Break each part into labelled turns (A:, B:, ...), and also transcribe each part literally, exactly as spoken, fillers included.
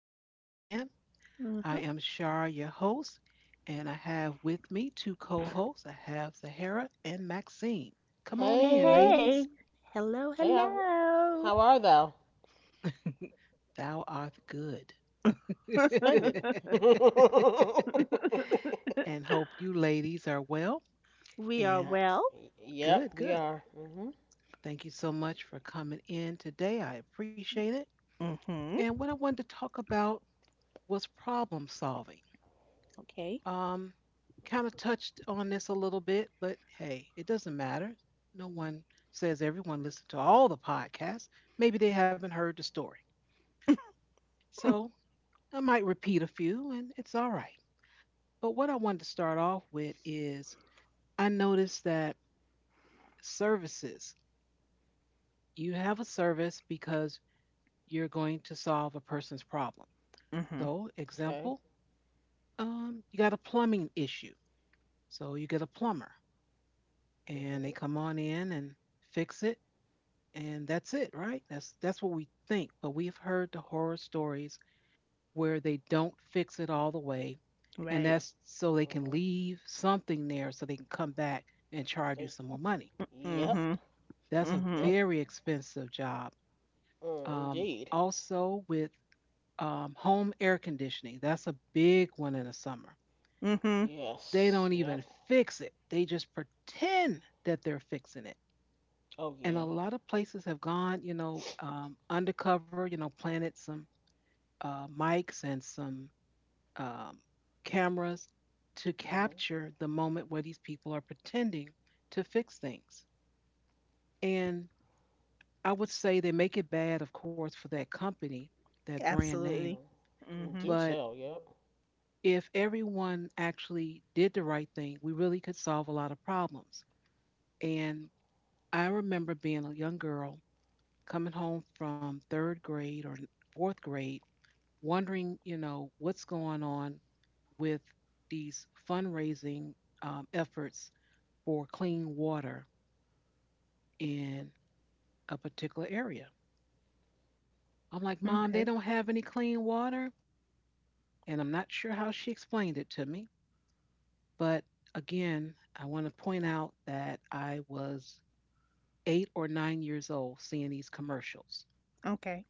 A: podcast land. I
B: hmm
A: am Shar, your host, and I have with me two co hosts. I have Sahara and Maxine. Come on
B: Hey,
A: in,
C: Hey,
A: ladies.
B: hey. Hello,
C: hey, how,
B: hello.
C: how are thou?
A: Thou art good.
C: Splendid. Alright.
A: And hope you ladies are well
B: We are
A: and
B: well.
C: Yep,
A: good,
C: we
A: good.
C: are. Mhm.
A: Thank you so much for coming in today. I appreciate it.
B: hmm
A: And what I wanted to talk about was problem solving.
B: Okay.
A: Um, kind of touched on this a little bit, but hey, it doesn't matter. No one says everyone listened to all the podcasts. Maybe they haven't heard the story. So I might repeat a few, and it's all right. But what I wanted to start off with is I noticed that services, you have a service because you're going to solve a person's problem.
B: hmm
A: So,
C: Okay.
A: example, um, you got a plumbing issue. So you get a plumber, and they
C: Mhm.
A: come on in and fix it and that's it, right? That's that's what we think. But we've heard the horror stories where they don't fix it all the way, and
B: Right.
A: that's so they can
C: Mhm.
A: leave something there so they can come back and charge you
C: Thank-
A: some more money.
C: Yep.
B: hmm
A: That's a
B: hmm
C: Yep.
A: very expensive job.
C: Mm,
A: Um,
C: indeed.
A: also with um, home air conditioning, that's a big one in the summer.
B: hmm
A: They
C: Yes.
A: don't
C: Yep.
A: even fix it. They just pretend that they're fixing it.
C: Oh
A: And a
C: yeah.
A: lot of places have gone, you know, um, undercover, you know, planted some uh, mics and some um, cameras to
C: Mhm.
A: capture the moment where these people are pretending to fix things. And I would say they make it bad, of course, for that company, that brand
C: Mhm.
A: name.
B: Absolutely.
C: Mm, do
B: hmm
C: tell.
A: But
C: Yep.
A: if everyone actually did the right thing, we really could solve a lot of problems. And I remember being a young girl coming home from third grade or fourth grade wondering, you know, what's going on with these fundraising um, efforts for clean water in a particular area. I'm like, Mom, they
B: Okay.
A: don't have any clean water. And I'm not sure how she explained it to me. But again, I want to point out that I was eight or nine years old seeing these commercials.
B: Okay.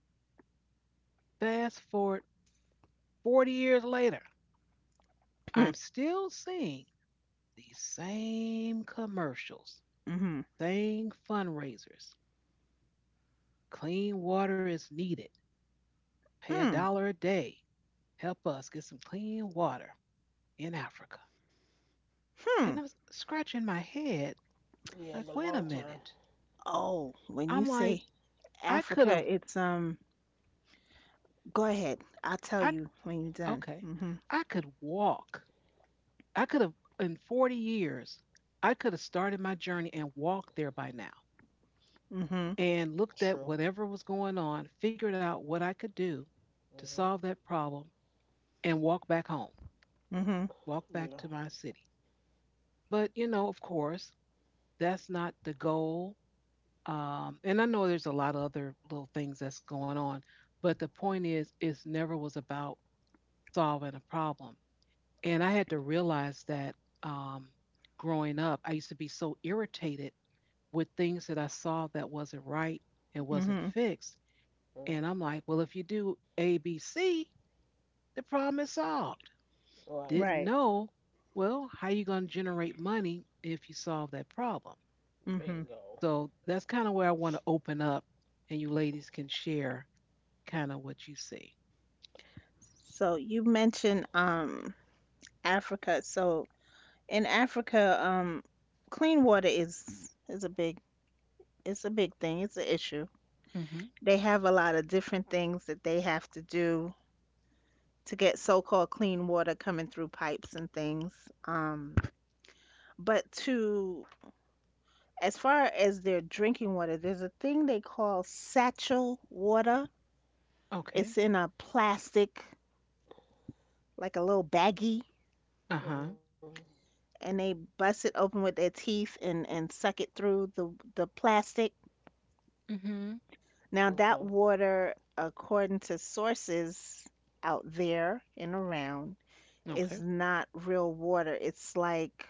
A: Fast forward forty years later,
B: Hmm.
A: I'm still seeing these same commercials.
B: Mm-hmm.
A: Thing fundraisers. Clean water is needed. Pay a
B: Mm.
A: dollar a day. Help us get some clean water in Africa.
B: Hmm.
A: And I'm scratching my head,
C: Yeah,
A: like,
C: but
A: wait a
C: long time.
A: minute.
B: Oh, when you
A: I'm like,
B: say
A: I could
B: Africa,
A: have,
B: it's um. Go ahead. I'll tell
A: I,
B: you when you're done.
A: okay,
B: hmm
A: I could walk. I could have, in forty years, I could have started my journey and walked there by now
B: hmm
A: and looked
C: True.
A: at whatever was going on, figured out what I could do to
C: Mhm.
A: solve that problem, and walk back home,
B: hmm
A: walk back
C: Yeah.
A: to my city. But you know, of course, that's not the goal. Um, and I know there's a lot of other little things that's going on, but the point is, it never was about solving a problem. And I had to realize that um, growing up, I used to be so irritated with things that I saw that wasn't right and wasn't
B: hmm
A: fixed. And
C: Mm.
A: I'm like, well, if you do A B C, the problem is solved.
C: Right.
A: Didn't
B: Right.
A: know. Well, how you going to generate money if you solve that problem?
B: hmm
C: Bingo.
A: So that's kind of where I want to open up, and you ladies can share kind of what you see.
B: So you mentioned um Africa. So in Africa, um, clean water is is a big, it's a big thing. It's an issue.
A: Mm-hmm.
B: They have a lot of different things that they have to do to get so-called clean water coming through pipes and things. Um, but to, as far as their drinking water, there's a thing they call satchel water.
A: Okay.
B: It's in a plastic, like a little baggie,
A: Uh huh.
C: Mhm.
B: and they bust it open with their teeth and and suck it through the the plastic.
A: Mm-hmm.
B: Now
C: Okay.
B: that water, according to sources out there and around,
A: Okay.
B: is not real water. It's like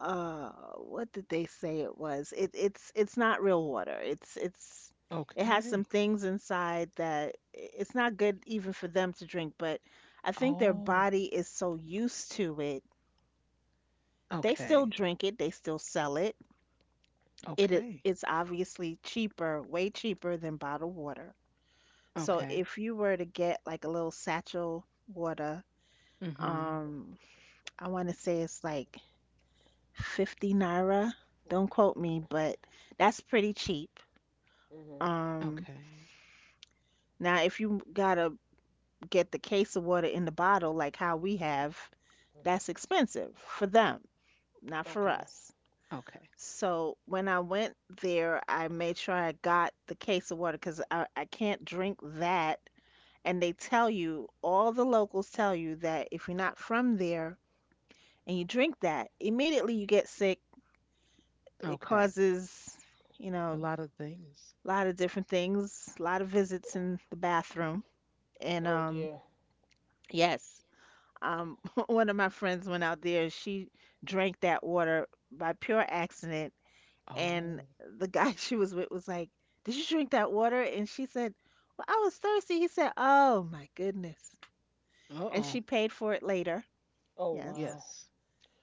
B: uh what did they say it was? It it's it's not real water. It's it's it has
A: Okay.
B: some things inside that i- it's not good even for them to drink, but I think their
A: Oh.
B: body is so used to it. They still
A: Okay.
B: drink it, they still sell it. It i-
A: Okay.
B: it's obviously cheaper, way cheaper than bottled water. So
A: Okay.
B: if you were to get like a little satchel water,
A: Mm-hmm.
B: um, I want to say it's like fifty naira. Don't quote me, but that's pretty cheap.
C: Mhm.
B: Um,
A: Okay.
B: now if you gotta get the case of water in the bottle, like how we have,
C: Mhm.
B: that's expensive for them, not for
C: Okay.
B: us.
A: Okay.
B: So when I went there, I made sure I got the case of water because I, I can't drink that, and they tell you, all the locals tell you that if you're not from there and you drink that, immediately you get sick. It
A: Okay.
B: causes, you
A: A
B: know,
A: lot of things.
B: a lot of different things, a lot of visits in the bathroom. And
C: Oh
B: um,
C: dear.
B: yes, um, one of my friends went out there. She drank that water by pure accident, and
A: Oh.
B: the guy she was with was like, "Did you drink that water?" And she said, "Well, I was thirsty." He said, "Oh my goodness." And
A: Uh-oh.
B: she paid for it later.
C: Oh
B: Yes.
C: wow.
A: Yes.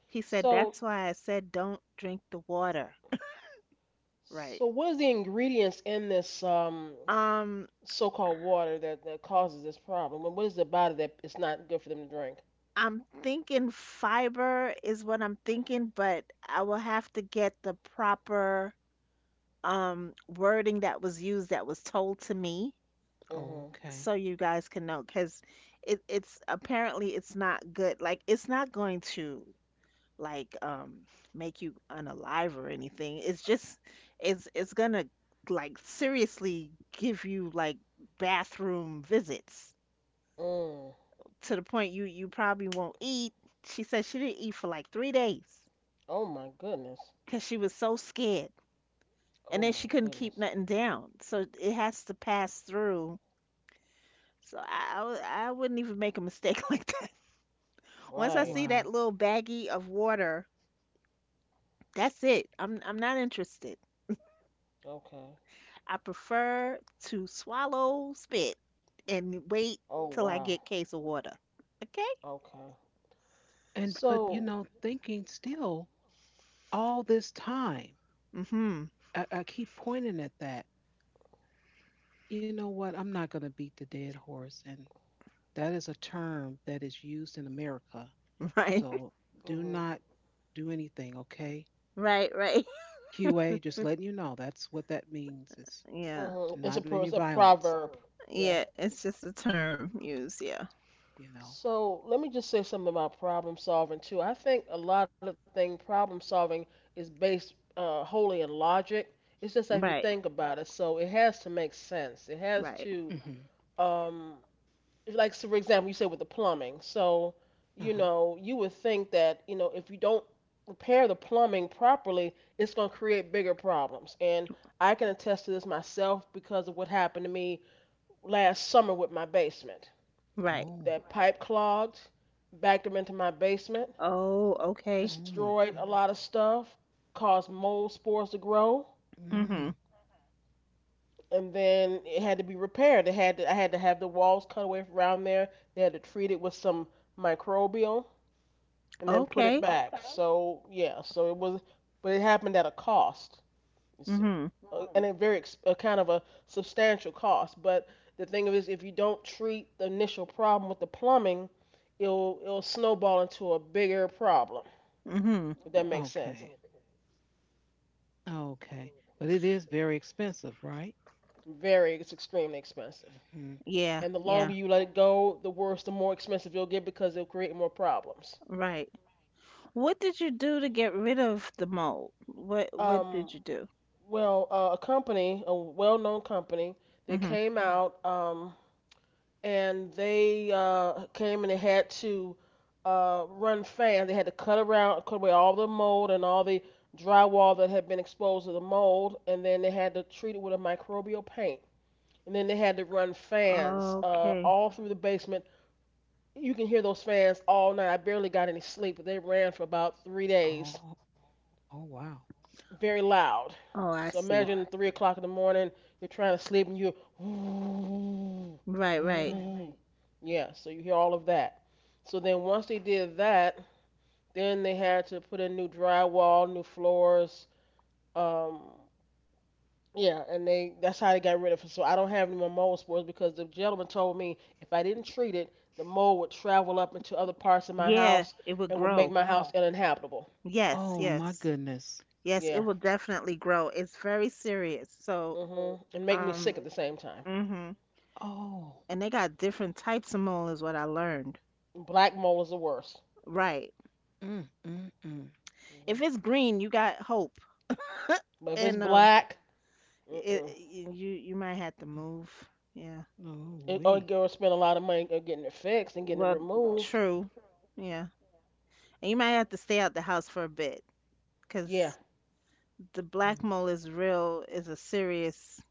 B: He said,
C: So,
B: "That's why I said don't drink the water."
C: so
B: Right.
C: what is the ingredients in this um,
B: Um,
C: so-called water that, that causes this problem? And what is about it that it's not good for them to drink?
B: I'm thinking fiber is what I'm thinking, but I will have to get the proper um wording that was used, that was told to me,
C: Mm-hmm.
A: Okay.
B: so you guys can know because it, it's apparently it's not good. Like, it's not going to, like, um make you unalive or anything. It's just, it's it's gonna, like, seriously give you like bathroom visits,
C: Mm.
B: to the point you you probably won't eat. She said she didn't eat for like three days
C: Oh my goodness.
B: because she was so scared, and
C: Oh
B: then she
C: my
B: couldn't keep
C: goodness.
B: nothing down. So it has to pass through. So I I, w- I wouldn't even make a mistake like that. Once I
C: Right.
B: see that
A: Wow.
B: little baggie of water, that's it. I'm I'm not interested.
C: Okay.
B: I prefer to swallow spit and wait
C: Oh
B: till I
C: wow.
B: get case of water. Okay?
C: Okay.
A: And but you
C: So,
A: know, thinking still all this time,
B: Mhm.
A: I, I keep pointing at that, you know what? I'm not going to beat the dead horse. And that is a term that is used in America.
B: Right.
A: So do
C: mm-hmm.
A: not do anything, okay?
B: Right. Right.
A: Q A, just letting you know that's what that means. It's
B: Yeah.
C: Mm-hmm. It's a
A: not
C: pro-
A: any
C: it's a
A: violence,
C: proverb. Yeah.
B: Yeah, it's just a term used. Yeah.
A: you know?
C: So let me just say something about problem solving too. I think a lot of thing problem solving is based uh, wholly in logic. It's just like if you
B: Right,
C: think about it, so it has to make sense. It has
B: right,
C: to,
A: Hmm.
C: um, like so for example, you say with the plumbing. So you
A: Uh-huh.
C: know you would think that you know if you don't repair the plumbing properly, it's going to create bigger problems. And I can attest to this myself because of what happened to me last summer with my basement,
B: right.
A: Oh,
C: that pipe clogged, backed them into my basement,
B: Oh, okay.
A: oh my
C: destroyed a lot of
A: goodness.
C: stuff, caused mold spores to grow,
B: Mhm.
A: Mm.
C: and then it had to be repaired. It had to, I had to have the walls cut away from around there. They had to treat it with some microbial and then put it
B: Okay.
C: back. So yeah, so it was, but it happened at a cost. You see
B: Mhm.
C: a- and a very a kind of a substantial cost. But the thing is, if you don't treat the initial problem with the plumbing, it'll it'll snowball into a bigger problem,
B: Mhm.
C: if that makes sense.
A: Okay, okay. But it is very expensive, right?
C: Very, it's extremely expensive.
A: Hmm.
B: Yeah,
C: And the
B: yeah.
C: longer you let it go, the worse, the more expensive you'll get because it'll create more problems.
B: Right. What did you do to get rid of the mold? What what
C: Um,
B: did you do?
C: well, uh, a company, a well-known company, they
B: Mhm.
C: came out um, and they uh, came and they had to uh, run fans. They had to cut around, cut away all the mold and all the drywall that had been exposed to the mold, and then they had to treat it with a microbial paint. And then they had to run fans uh,
B: Okay.
C: all through the basement. You can hear those fans all night. I barely got any sleep, but they ran for about three days,
A: Oh, oh, wow.
C: very loud.
B: Oh,
C: So
B: I
C: imagine,
B: see.
C: right, three o'clock in the morning, you're trying to sleep and you're, right,
B: Right, right.
C: right. Yeah. So you hear all of that. So then once they did that, then they had to put in new drywall, new floors, um, yeah, and they that's how they got rid of it. So I don't have any more mold spores because the gentleman told me if I didn't treat it, the mold would travel up into other parts of my
B: Yeah,
C: house
B: it would
C: and would make
B: grow.
C: my house uninhabitable.
B: Yes,
A: Oh my
B: yes.
A: goodness.
B: Yes, it
C: Yeah.
B: will definitely grow. It's very serious. So,
C: Mhm. And make me
B: um,
C: sick at the same time.
B: mhm.
A: Oh,
B: And they got different types of mold is what I learned.
C: Black mold is the worst.
B: Right.
A: mm, mm, mm.
C: Mhm.
B: If it's green, you got hope.
C: But if it's
B: And um,
C: black,
B: It,
C: mm-mm.
B: it- you you might have to
A: Mm.
B: move. Yeah.
A: Oh,
C: It, or
A: we.
C: girls spend a lot of money uh, getting it fixed and getting it
B: Well,
C: removed.
B: true. Yeah. And you might have to stay out the house for a bit
C: Yeah.
B: because the black mole is real, is a serious,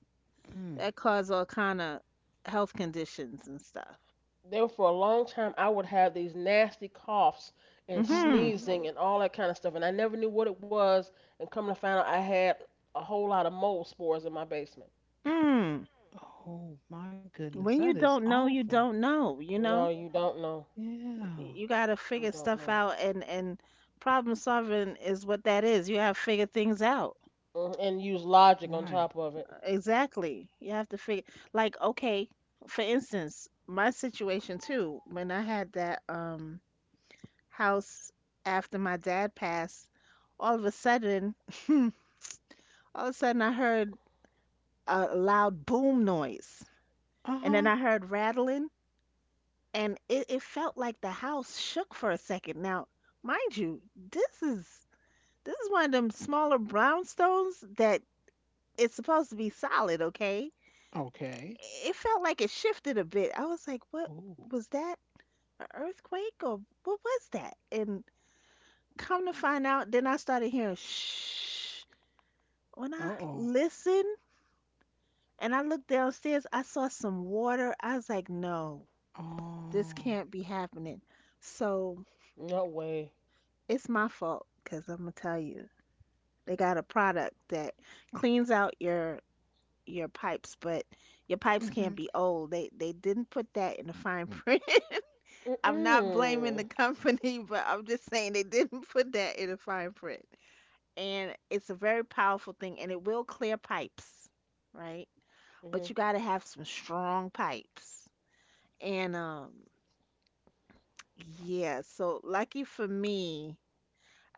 A: Mm-hmm.
B: that cause all kind of health conditions and stuff.
C: There for a long time I would have these nasty coughs and
B: Mm-hmm.
A: Uh-huh.
C: sneezing and all that kind of stuff and I never knew what it was, and come to find out I had a whole lot of mold spores in my basement.
B: Mm.
A: Oh my goodness,
B: When
A: that
B: you
A: is
B: don't know, you
A: awful.
B: don't know, you
C: No,
B: know?
C: you don't know.
A: Yeah,
B: You gotta
C: You
B: figure
C: don't
B: stuff
C: know.
B: out and and problem solving is what that is. You gotta figure things out.
C: Mhm. And use logic on
A: right.
C: top of it.
B: Exactly. You have to figure, like, okay, for instance, my situation too, when I had that um house after my dad passed, all of a sudden, all of a sudden I heard a loud boom noise. And
A: Uh-huh.
B: then I heard rattling and it, it felt like the house shook for a second. Now, mind you, this is this is one of them smaller brownstones that, it's supposed to be solid, okay?
A: Okay.
B: It felt like it shifted a bit. I was like, what
A: Oh.
B: was that? An earthquake or what was that? And come to find out, then I started hearing shh. When I
A: Uh-oh.
B: listened and I looked downstairs, I saw some water. I was like, no, this
A: Oh.
B: can't be happening. So
C: No way.
B: it's my fault because I'm gonna tell you, they got a product that cleans out your your pipes, but your pipes
A: Mm-hmm.
B: can't be old. They they didn't put that in the fine print. I'm not blaming
C: Mm-mm.
B: the company, but I'm just saying they didn't put that in the fine print. And it's a very powerful thing and it will clear pipes, right? But
C: Hmm.
B: you got to have some strong pipes. And um Yeah, so lucky for me,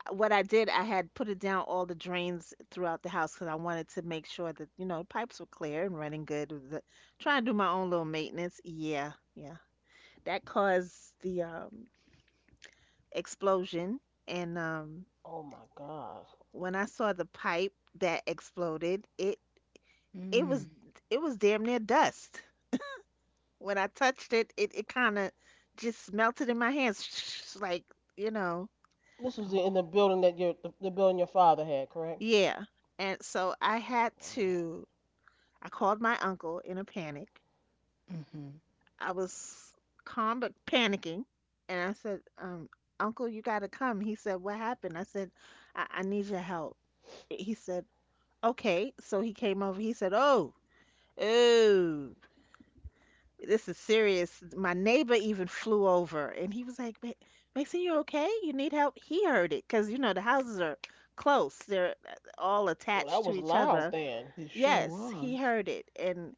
B: uh, what I did, I had put it down all the drains throughout the house because I wanted to make sure that, you know, pipes were clear and running good. With the, trying to do my own little maintenance. Yeah, yeah. That caused the um explosion. And um
C: Oh my God.
B: When I saw the pipe that exploded, it it was
A: Mm.
B: it was damn near dust. When I touched it, it it kind of just melted in my hands, like, you know,
C: This was in the
A: Oh.
C: building that your the, the building your father had, correct?
B: yeah. And so I had
C: Wow.
B: to. I called my uncle in a panic.
A: Mm-hmm.
B: I was calm but panicking, and I said, um, "Uncle, you gotta come." He said, "What happened?" I said, "I, I need your help." He said, "Okay." So he came over. He said, "Oh, oh. This is serious." My neighbor even flew over and he was like, "Ma- Mason, you okay? You need help?" He heard it because, you know, the houses are close, they're uh, all
C: Well, that
B: attached to
C: was
B: each
C: loud
B: other.
C: then.
A: It sure
B: Yes, he
A: was.
B: heard it. And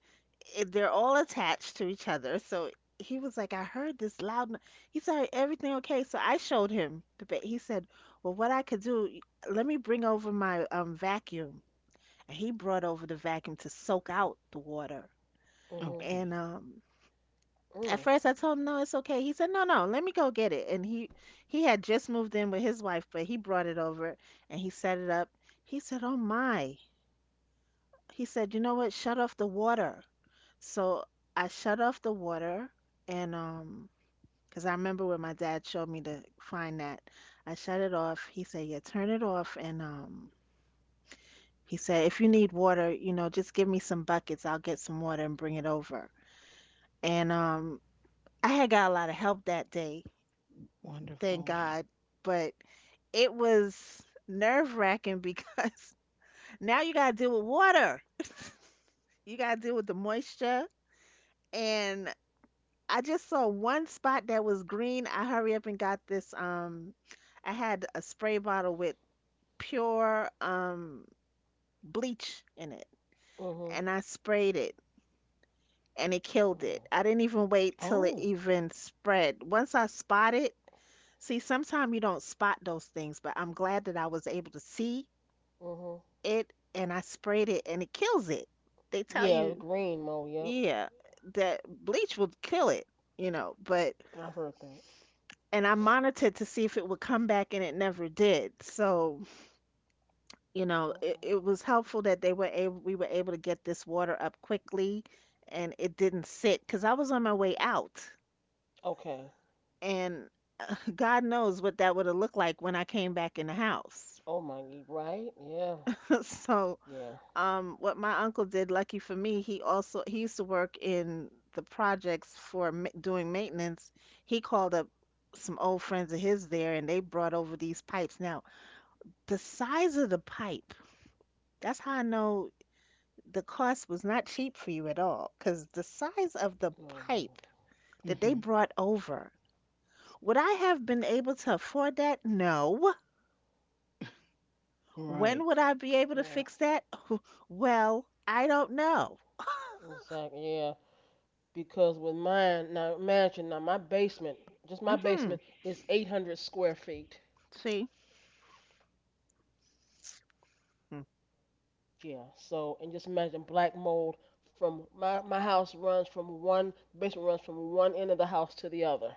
B: it, they're all attached to each other. So he was like, "I heard this loud. No-" He said, "Everything okay?" So I showed him the bed. He said, "Well, what I could do, let me bring over my um, vacuum." And he brought over the vacuum to soak out the water.
C: Mhm.
B: And
A: Okay.
B: um, At
C: Mm.
B: first, I told him, "No, it's okay." He said, "No, no, let me go get it." And he he had just moved in with his wife, but he brought it over and he set it up. He said, "Oh my." He said, "You know what? Shut off the water." So I shut off the water and um, cause I remember when my dad showed me to find that. I shut it off. He said, "Yeah, turn it off." And um He said, "If you need water, you know, just give me some buckets. I'll get some water and bring it over." And um I had got a lot of help that day. Thank
A: Wonderful.
B: God. But it was nerve-wracking because now you got to deal with water. You got to deal with the moisture and I just saw one spot that was green. I hurry up and got this um I had a spray bottle with pure um bleach in it,
C: Mhm.
B: and I sprayed it and it killed
C: Mm.
B: it. I didn't even wait till it
A: Oh.
B: even spread. Once I spot it, see, sometimes you don't spot those things, but I'm glad that I was able to see
C: Mhm.
B: it and I sprayed it and it kills it. They tell
C: Yeah, the
B: you,
C: green mold. Yep.
B: yeah, that bleach will kill it, you know, but,
C: I've heard that.
B: and I monitored to see if it would come back and it never did. So, you know, it,
C: Okay.
B: it was helpful that they were able we were able to get this water up quickly and it didn't sit cuz I was on my way out
C: Okay.
B: and uh, God knows what that would have looked like when I came back in the house.
C: Oh my, right? Yeah.
B: So,
C: Yeah.
B: Um, what my uncle did, lucky for me, he also, he used to work in the projects for ma- doing maintenance. He called up some old friends of his there, and they brought over these pipes. Now, the size of the pipe, that's how I know the cost was not cheap for you at all, because the size of the
C: No, no,
B: pipe that they
A: Mm-hmm.
B: brought over, would I have been able to afford that? No. When
A: Right.
B: would I be able
C: no.
B: to
C: Yeah.
B: fix that? Well, I don't know.
C: Exactly. Yeah. Because with mine, now imagine now my basement, just my
B: hmm
C: basement is eight hundred square feet.
B: See?
C: Yeah. So and just imagine black mold from my my house runs from one the basement runs from one end of the house to the other,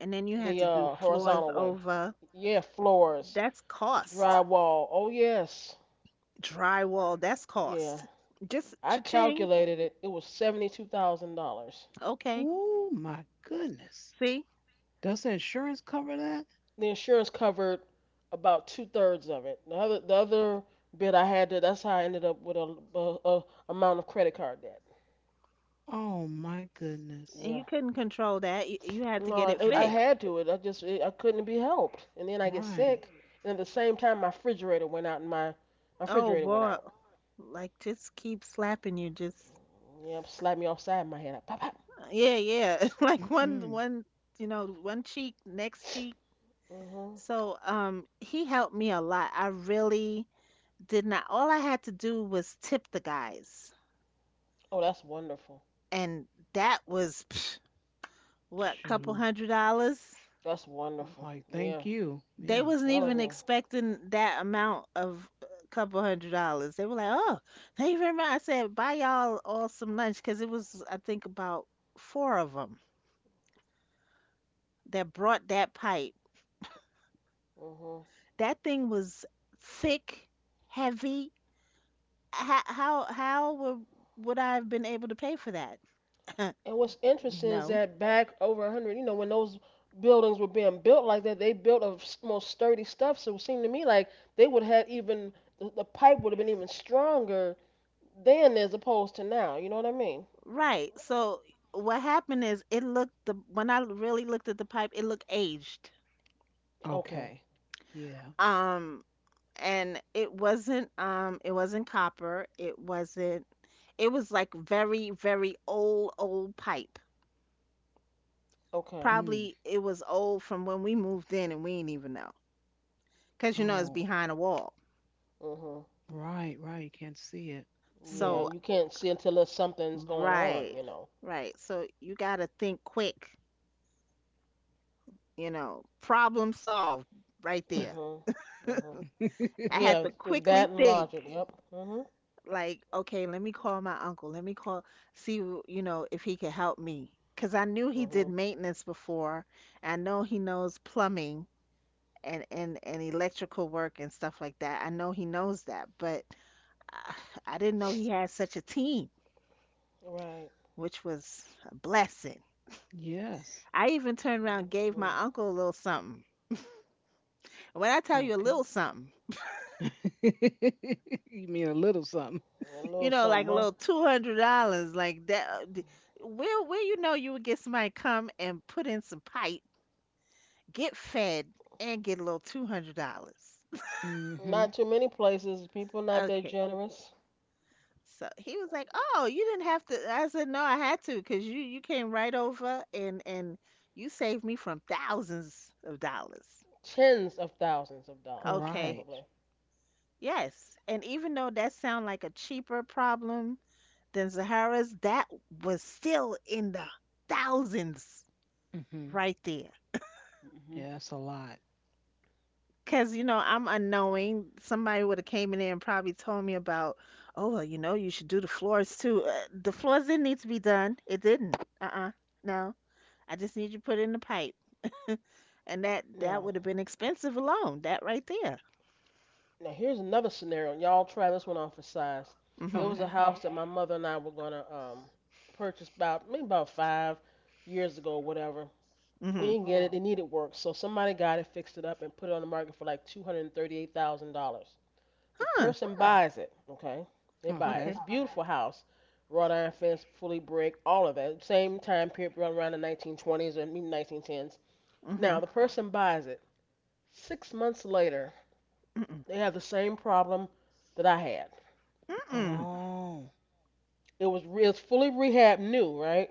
B: And then you had
C: the
B: to do
C: uh
B: floors
C: horizontal way.
B: over.
C: Yeah. Floors,
B: That's cost.
C: drywall. Oh yes.
B: Drywall, that's
C: Yeah.
B: cost. Just
C: I
B: cha-ching.
C: calculated it. It was seventy-two thousand dollars.
B: Okay.
A: Oh my goodness.
B: See?
A: Does the insurance cover that?
C: The insurance covered about two thirds of it. The other, the other bit I had to. That's how I ended up with a, a, a amount of credit card debt.
A: Oh my goodness.
B: And you
C: Yeah.
B: couldn't control that. You, you had to
C: No,
B: get it
C: I, I
A: Wow.
B: fixed.
C: had to. It. I just it, I couldn't be helped. And then I get
A: Right.
C: sick, and at the same time my refrigerator went out, and my my
B: Oh
C: refrigerator went
B: boy.
C: out.
B: Like just keep slapping you. Just
C: Yeah, slapped me offside my head. I pop pop.
B: uh, yeah, yeah. Like one
A: Mm-mm.
B: one you know, one cheek, next cheek.
C: Mhm.
B: So um he helped me a lot. I really did not. All I had to do was tip the guys.
C: Oh, that's wonderful.
B: And that was psh, what, couple
A: Shoot.
B: hundred dollars.
C: That's wonderful.
A: Like,
C: Yeah. I'm
A: thank you.
B: They
A: Yeah.
B: wasn't
C: telling
B: even
C: you.
B: expecting that amount of a couple hundred dollars. They were like, "Oh, thank you very much." I said, "Buy y'all all some lunch," because it was, I think, about four of them that brought that pipe.
C: Mhm.
B: That thing was thick, heavy. How how how would would I have been able to pay for that?
C: And what's interesting is
B: No.
C: that back over a hundred, you know, when those buildings were being built like that, they built of most sturdy stuff. So it seemed to me like they would have even, the, the pipe would have been even stronger then as opposed to now. You know what I mean?
B: Right. So what happened is, it looked the when I really looked at the pipe, it looked aged.
C: Okay.
A: Okay. Yeah.
B: Um and it wasn't, um it wasn't copper, it wasn't, it was like very very old old pipe.
C: Okay.
A: Mm.
B: Probably it was old from when we moved in and we didn't even know, because you know it's
A: Oh,
B: behind a wall.
C: Mhm.
A: right, right. You can't see it. Hmm.
C: Yeah,
B: So
C: you can't see until there's something's going on,
B: right
C: you know.
B: right so you gotta think quick, you know. Problem solved right there.
C: Mhm. Mhm.
B: I
C: Yeah,
B: had to
C: th- that
B: quickly
C: and logic.
B: think,
C: Yep. Mhm.
B: like, okay, let me call my uncle. Let me call, see, w- you know, if he could help me, because I knew he
C: Mhm.
B: did maintenance before. I know he knows plumbing, and, and, and electrical work and stuff like that. I know he knows that, but I, I didn't know he had such a team,
C: Right.
B: which was a blessing.
A: Yes.
B: I even turned around and gave
C: Mhm.
B: my uncle a little something. And when I tell you a
A: Okay.
B: little something,
A: You mean a little something.
C: A little
B: you know,
C: something,
B: like a
C: huh?
B: little two hundred dollars, like that. Where where you know you would get somebody come and put in some pipe, get fed, and get a little two hundred dollars.
C: Not
A: Mm-hmm.
C: too many places. People not that
B: Okay.
C: generous.
B: So he was like, "Oh, you didn't have to." I said, "No, I had to, because you you came right over and and you saved me from thousands of dollars."
C: Tens of thousands of dollars
B: Okay.
A: Right.
C: probably.
B: Yes. And even though that sounded like a cheaper problem than Zahara's, that was still in the thousands
A: Mm-hmm.
B: right there.
C: Hmm.
A: Yeah, that's a lot.
B: Cause you know, I'm unknowing. Somebody would have came in there and probably told me about, oh well, you know, you should do the floors too. Uh, the floors didn't need to be done. It didn't. Uh-uh. No. I just need you to put in the pipe. And that that
C: Now,
B: would have been expensive alone. That right there.
C: now here's another scenario. Y'all try this one on for size. There
B: Mm-hmm.
C: was a
A: Okay.
C: house that my mother and I were gonna um purchase about maybe about five years ago whatever.
B: Mm-hmm.
C: We didn't get it. It needed work, so somebody got it, fixed it up, and put it on the market for like two hundred thirty-eight thousand dollars. The
B: Huh.
C: person buys it. Okay, they buy it. It's
B: Okay.
A: Okay.
C: a beautiful house, wrought iron fence, fully brick, all of that. Same time period, around around the nineteen twenties or maybe nineteen tens.
B: Mm-hmm.
C: Now the person buys it. Six months later,
B: Mm-mm.
C: they had the same problem that I had.
B: Mm-mm.
A: Oh.
C: It was re- it's fully rehab new, right?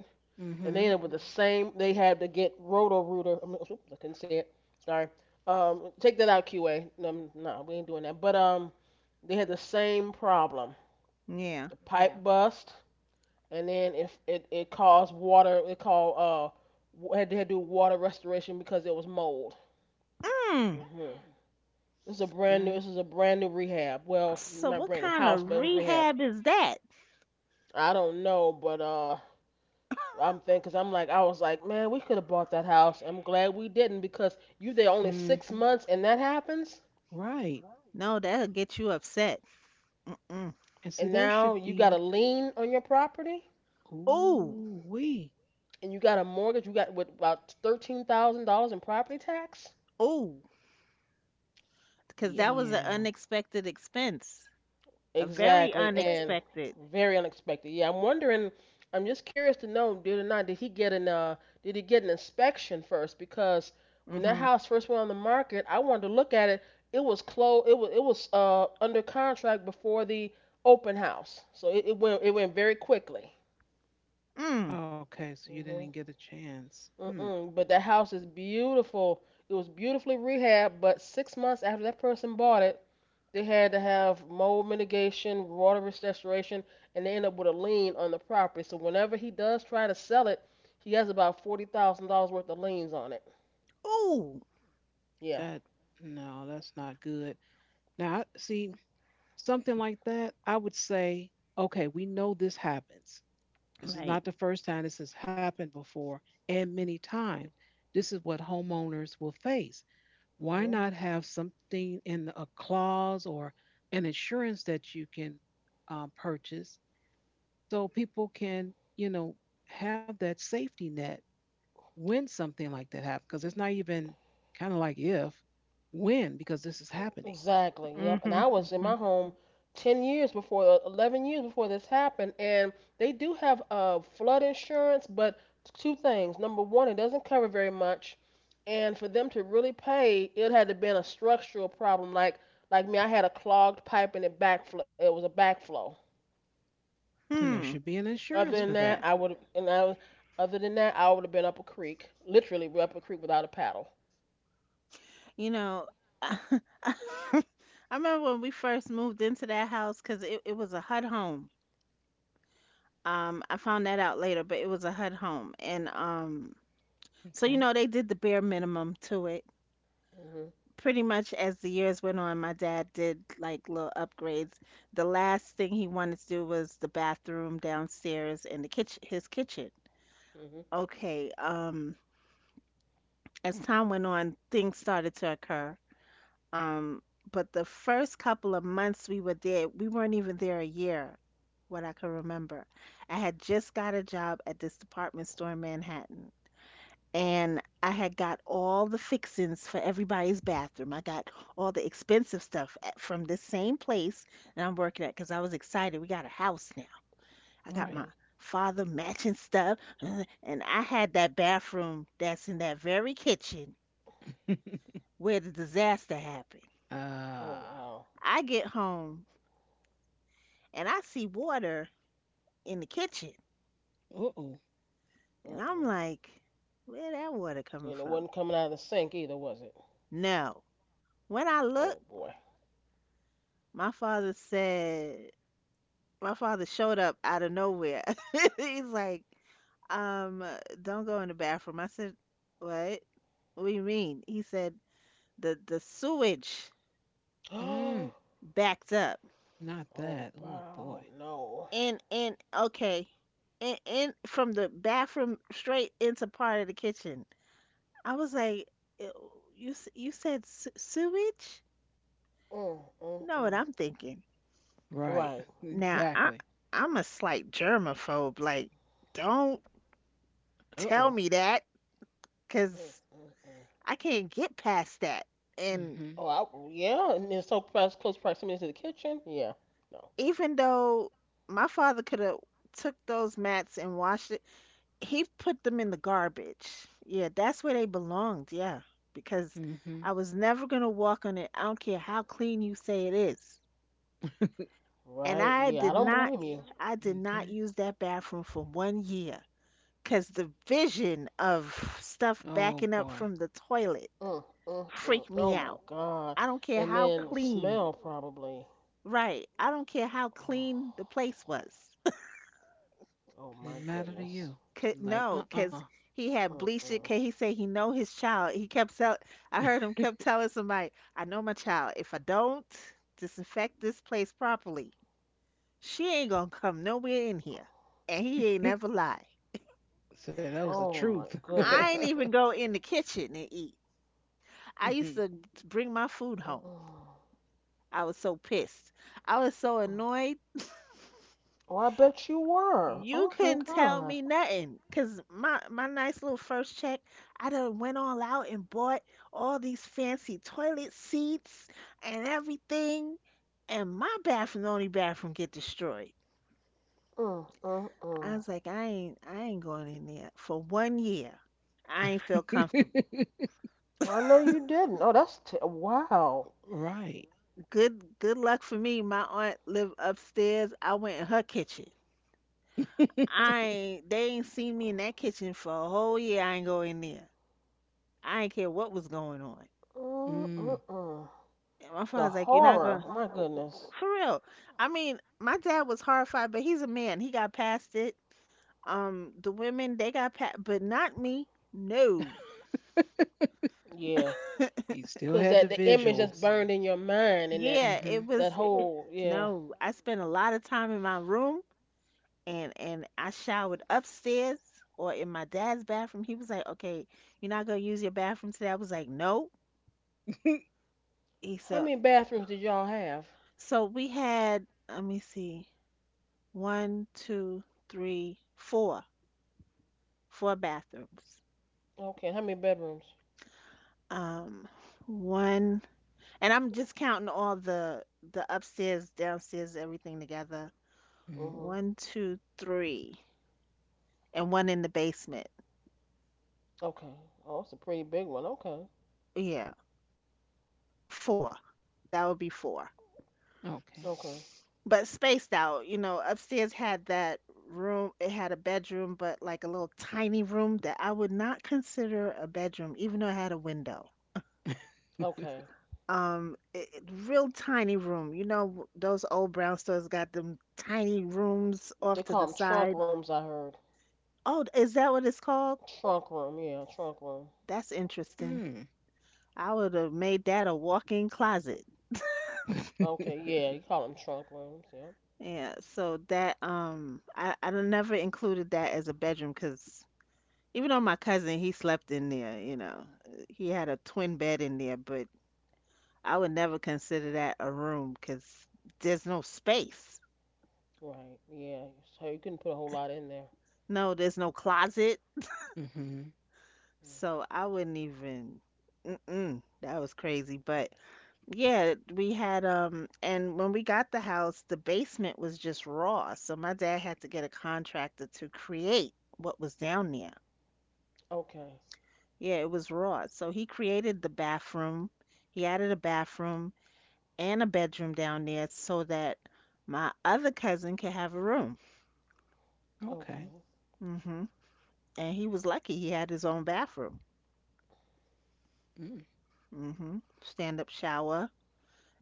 C: And
A: Mm-hmm.
C: they ended up with the same. They had to get roto rooter. I, oops, I couldn't say it. Sorry. Um, take that out, Q A. No, no, we ain't doing that. But um, they had the same problem.
B: Yeah.
C: The pipe, yeah, bust, and then if it, it caused water, it called uh, w- had to do water restoration because it was mold. Hmm.
B: Mm.
C: Mm-mm. This is a brand new.
A: That.
C: This is a brand new rehab. Well,
B: So
C: not
B: what
C: brand new
B: kind
C: house, but
B: of
C: it was rehabbed.
B: rehab is that?
C: I don't know, but uh, I'm thinking, cause I'm like, I was like, man, we could have bought that house. I'm glad we didn't because you there only six
A: Mm-hmm.
C: months and that happens,
A: Right.
B: No, that'll get you upset. Mm-mm.
A: And see,
C: and
A: there
C: now
A: should
C: you got a
A: be.
C: lien on your property
B: Oh,
A: Ooh, we.
C: and you got a mortgage. You got what about thirteen thousand dollars in property tax?
B: oh. Because
C: Yeah,
B: that was an
A: Yeah.
B: unexpected expense, a very
C: exactly, and
B: unexpected.
C: very unexpected. Yeah, I'm wondering. I'm just curious to know, did or not, did he get an uh, did he get an inspection first? Because when that
B: Mm-hmm.
C: house first went on the market, I wanted to look at it. It was closed. It was it was uh under contract before the open house, so it, it went it went very quickly.
B: Mm.
A: Okay, so you didn't
C: Mhm.
A: get a chance. Hmm.
C: Mm-mm. But that house is beautiful. It was beautifully rehabbed, but six months after that person bought it, they had to have mold mitigation, water restoration, and they end up with a lien on the property. So whenever he does try to sell it, he has about forty thousand dollars worth of liens on it.
B: Ooh.
C: Yeah.
A: That no, that's not good. Now, I- see, something like that, I would say, okay, we know this happens. This is
B: Right.
A: not the first time this has happened before, and many times. This is what homeowners will face. Why
C: Hmm.
A: not have something in the- a clause or an insurance that you can um, purchase so people can, you know, have that safety net when something like that happens because it's not even kind of like if when because this is happening
C: Exactly. Yep. And
B: Mm-hmm.
C: I was in
B: Mm-hmm.
C: my home ten years before, eleven years before this happened, and they do have uh, flood insurance, but two things. Number one, it doesn't cover very much, and for them to really pay, it had to have been a structural problem. Like like me, I had a clogged pipe and it backflow. It was a backflow.
A: and there
B: Hmm.
A: should be an
C: Other
A: insurance
C: than
A: for
C: that,
A: that.
C: I would and I was, other than that, I would have been up a creek, literally up a creek without a paddle.
B: You know, I remember when we first moved into that house, because it, it was a HUD home. Um, I found that out later, but it was a HUD home, and um, so you
A: Okay.
B: know they did the bare minimum to it.
C: Mhm.
B: Pretty much as the years went on, my dad did like little upgrades. The last thing he wanted to do was the bathroom downstairs and the kitchen, his kitchen.
C: Mhm.
B: Okay, um, as time went on, things started to occur. Um, but the first couple of months we were there, we weren't even there a year, what I can remember. I had just got a job at this department store in Manhattan, and I had got all the fixings for everybody's bathroom. I got all the expensive stuff at, from this same place that I'm working at, because I was excited. We got a house now. I got
C: Mhm.
B: my
A: Right.
B: father matching stuff, and I had that bathroom that's in that very kitchen where the disaster happened.
C: Oh
A: Ah.
C: wow.
B: I get home and I see water in the kitchen,
A: Uh-oh.
B: and I'm
C: Uh-uh.
B: like, where that water coming
C: And it
B: from?
C: wasn't coming out of the sink either, was it?
B: No. When I
C: Oh
B: look,
C: boy.
B: my father said, my father showed up out of nowhere. He's like, um, don't go in the bathroom. I said, what? What do you mean? He said, the the sewage
C: Oh
A: Mm,
B: backed up.
A: not that. Oh
C: wow.
A: boy.
C: No.
B: And and okay. And, and from the bathroom straight into part of the kitchen. I was like, "Ew, you s- you said se- sewage?
C: Mm,
B: You
C: mm,
B: know what
C: mm.
B: I'm thinking."
A: Right.
C: Right.
B: Now, I
A: Exactly.
B: I'm a slight germaphobe. Like, don't
A: Uh-oh.
B: tell me that,
C: Mm,
B: 'cause
C: mm, mm.
B: I can't get past that. And
A: Mm-hmm.
C: Oh, I, yeah, and it's so close, close proximity to the kitchen. Yeah. No.
B: even though my father could have took those mats and washed it, he put them in the garbage. Yeah, that's where they belonged. Yeah, because
A: Mm-hmm.
B: I was never gonna walk on it. I don't care how clean you say it is. And
C: Right.
B: I
C: Yeah, I
B: did
C: don't
B: not,
C: blame you.
B: I did not
A: Okay.
B: use that bathroom for one year. Cause the vision of stuff
A: Oh
B: backing up
A: boy.
B: from the toilet
C: Mm, mm, mm.
B: freaked
C: Oh
B: me
C: my
B: out.
C: God.
B: I don't care
C: And
B: how
C: then
B: clean.
C: smell probably.
B: Right. I don't care how clean the place was.
C: Oh my
A: Didn't matter to
C: goodness.
A: you.
B: Could,
A: You're like,
B: no,
A: uh-uh.
B: 'cause he had bleached it. it.
C: Mm-mm.
B: 'Cause he said he know his child. He kept tell. I heard him kept telling somebody, "I know my child. If I don't disinfect this place properly, she ain't gonna come nowhere in here." And he ain't never lie.
A: So that was the
C: Oh
A: truth.
C: my
B: I ain't
C: goodness.
B: even go in the kitchen and eat. I used
A: Mhm.
B: to bring my food home.
C: Mm,
B: I was so pissed. I was so
C: mm.
B: annoyed.
C: Oh, I bet you were.
B: You
C: Oh my
B: couldn't tell
C: God.
B: me nothing, cause my my nice little first check, I done went all out and bought all these fancy toilet seats and everything, and my bathroom, the only bathroom, get destroyed.
C: Mm, mm,
B: I
C: mm.
B: was like, I ain't I ain't going in there for one year. I ain't feel comfortable.
C: Well, I know you didn't. Oh, that's t- wow.
A: Right.
B: Good good luck for me. My aunt lived upstairs. I went in her kitchen. I ain't they ain't seen me in that kitchen for a whole year. I ain't go in there. I ain't care what was going on.
C: Mm, mm,
A: Mm.
C: mm.
B: And my
C: The
B: father's like, you're not
C: horror.
B: gonna,
C: Oh my goodness.
B: for real. I mean, my dad was horrified, but he's a man. He got past it. Um, the women, they got past, but not me. No.
C: Yeah.
A: He still
C: Cause
A: had
C: that
A: the
C: the image that's
A: visuals.
C: burned in your mind and that
B: Yeah, it
A: Mm-hmm.
C: that
B: was,
C: whole yeah.
B: no. I spent a lot of time in my room, and and I showered upstairs or in my dad's bathroom. He was like, "Okay, you're not gonna use your bathroom today." I was like, "No." He
C: How
B: said,
C: many bathrooms did y'all have?
B: "So we had, let me see, one, two, three, four, four bathrooms."
C: Okay. How many bedrooms?
B: Um, one, and I'm just counting all the the upstairs, downstairs, everything together.
A: Hmm.
C: Mhm.
B: One, two, three, and one in the basement.
C: Okay. Oh, it's a pretty big one. Okay.
B: Yeah, four. That would be four.
A: Okay.
C: Okay.
B: But spaced out, you know, upstairs had that room, it had a bedroom, but like a little tiny room that I would not consider a bedroom, even though it had a window.
C: Okay.
B: Um, it, it- real tiny room. You know, those old brown stores got them tiny rooms off
C: They
B: to
C: call
B: the
C: them trunk
B: side.
C: rooms, I heard.
B: Oh, is that what it's called?
C: Trunk room, yeah, trunk room.
B: That's interesting.
A: Mm.
B: I would have made that a walk-in closet.
C: Okay, yeah, you call them trunk rooms, yeah.
B: Yeah, so that, um I I done never included that as a bedroom, because even though my cousin, he slept in there, you know, uh, he had a twin bed in there, but I would never consider that a room because there's no space.
C: Right, yeah. So you couldn't put a whole lot in there.
B: No, there's no closet.
A: Hmm.
C: Mm.
B: So I wouldn't even, mm-mm, that was crazy. But yeah, we had, um and when we got the house, the basement was just raw. So my dad had to get a contractor to create what was down there.
C: Okay,
B: Yeah, it was raw. So he created the bathroom. He added a bathroom and a bedroom down there so that my other cousin could have a room.
C: okay.
A: Okay.
B: Mhm. And he was lucky he had his own bathroom.
A: Mm.
B: Mhm. Stand-up shower.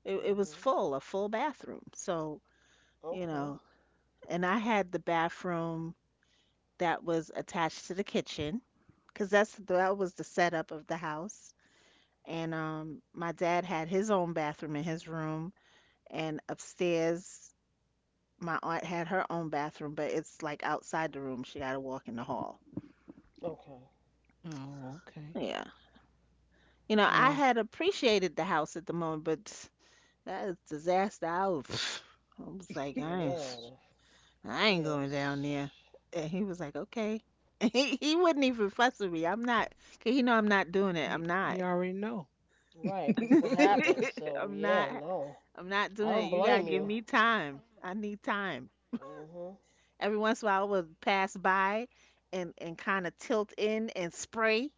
B: It it was
C: Hmm.
B: full, a full bathroom. So, you
C: Okay,
B: know, and I had the bathroom that was attached to the kitchen, because that's that was the setup of the house. And um, my dad had his own bathroom in his room, and upstairs my aunt had her own bathroom, but it's like outside the room. She got to walk in the hall.
C: okay.
A: Oh, okay.
B: Yeah, you know, I
A: Well,
B: had appreciated the house at the moment, but that is disaster. I was, I was like, I ain't,
C: Yeah,
B: I ain't going down there.
C: yes.
B: And he was like, okay. He he wouldn't even fuss with me. I'm not, cause he know I'm not doing it.
A: he,
B: I'm
A: he
B: not.
A: already know.
C: Right, because of what
A: uh,
C: happened, so
B: I'm
C: yeah,
B: not
C: no.
B: I'm not
C: I
B: doing it.
C: don't
B: You gotta
C: blame
B: give
C: you.
B: me time. I need time.
C: Hmm.
B: Every once in a while I would pass by and, and kinda tilt in and spray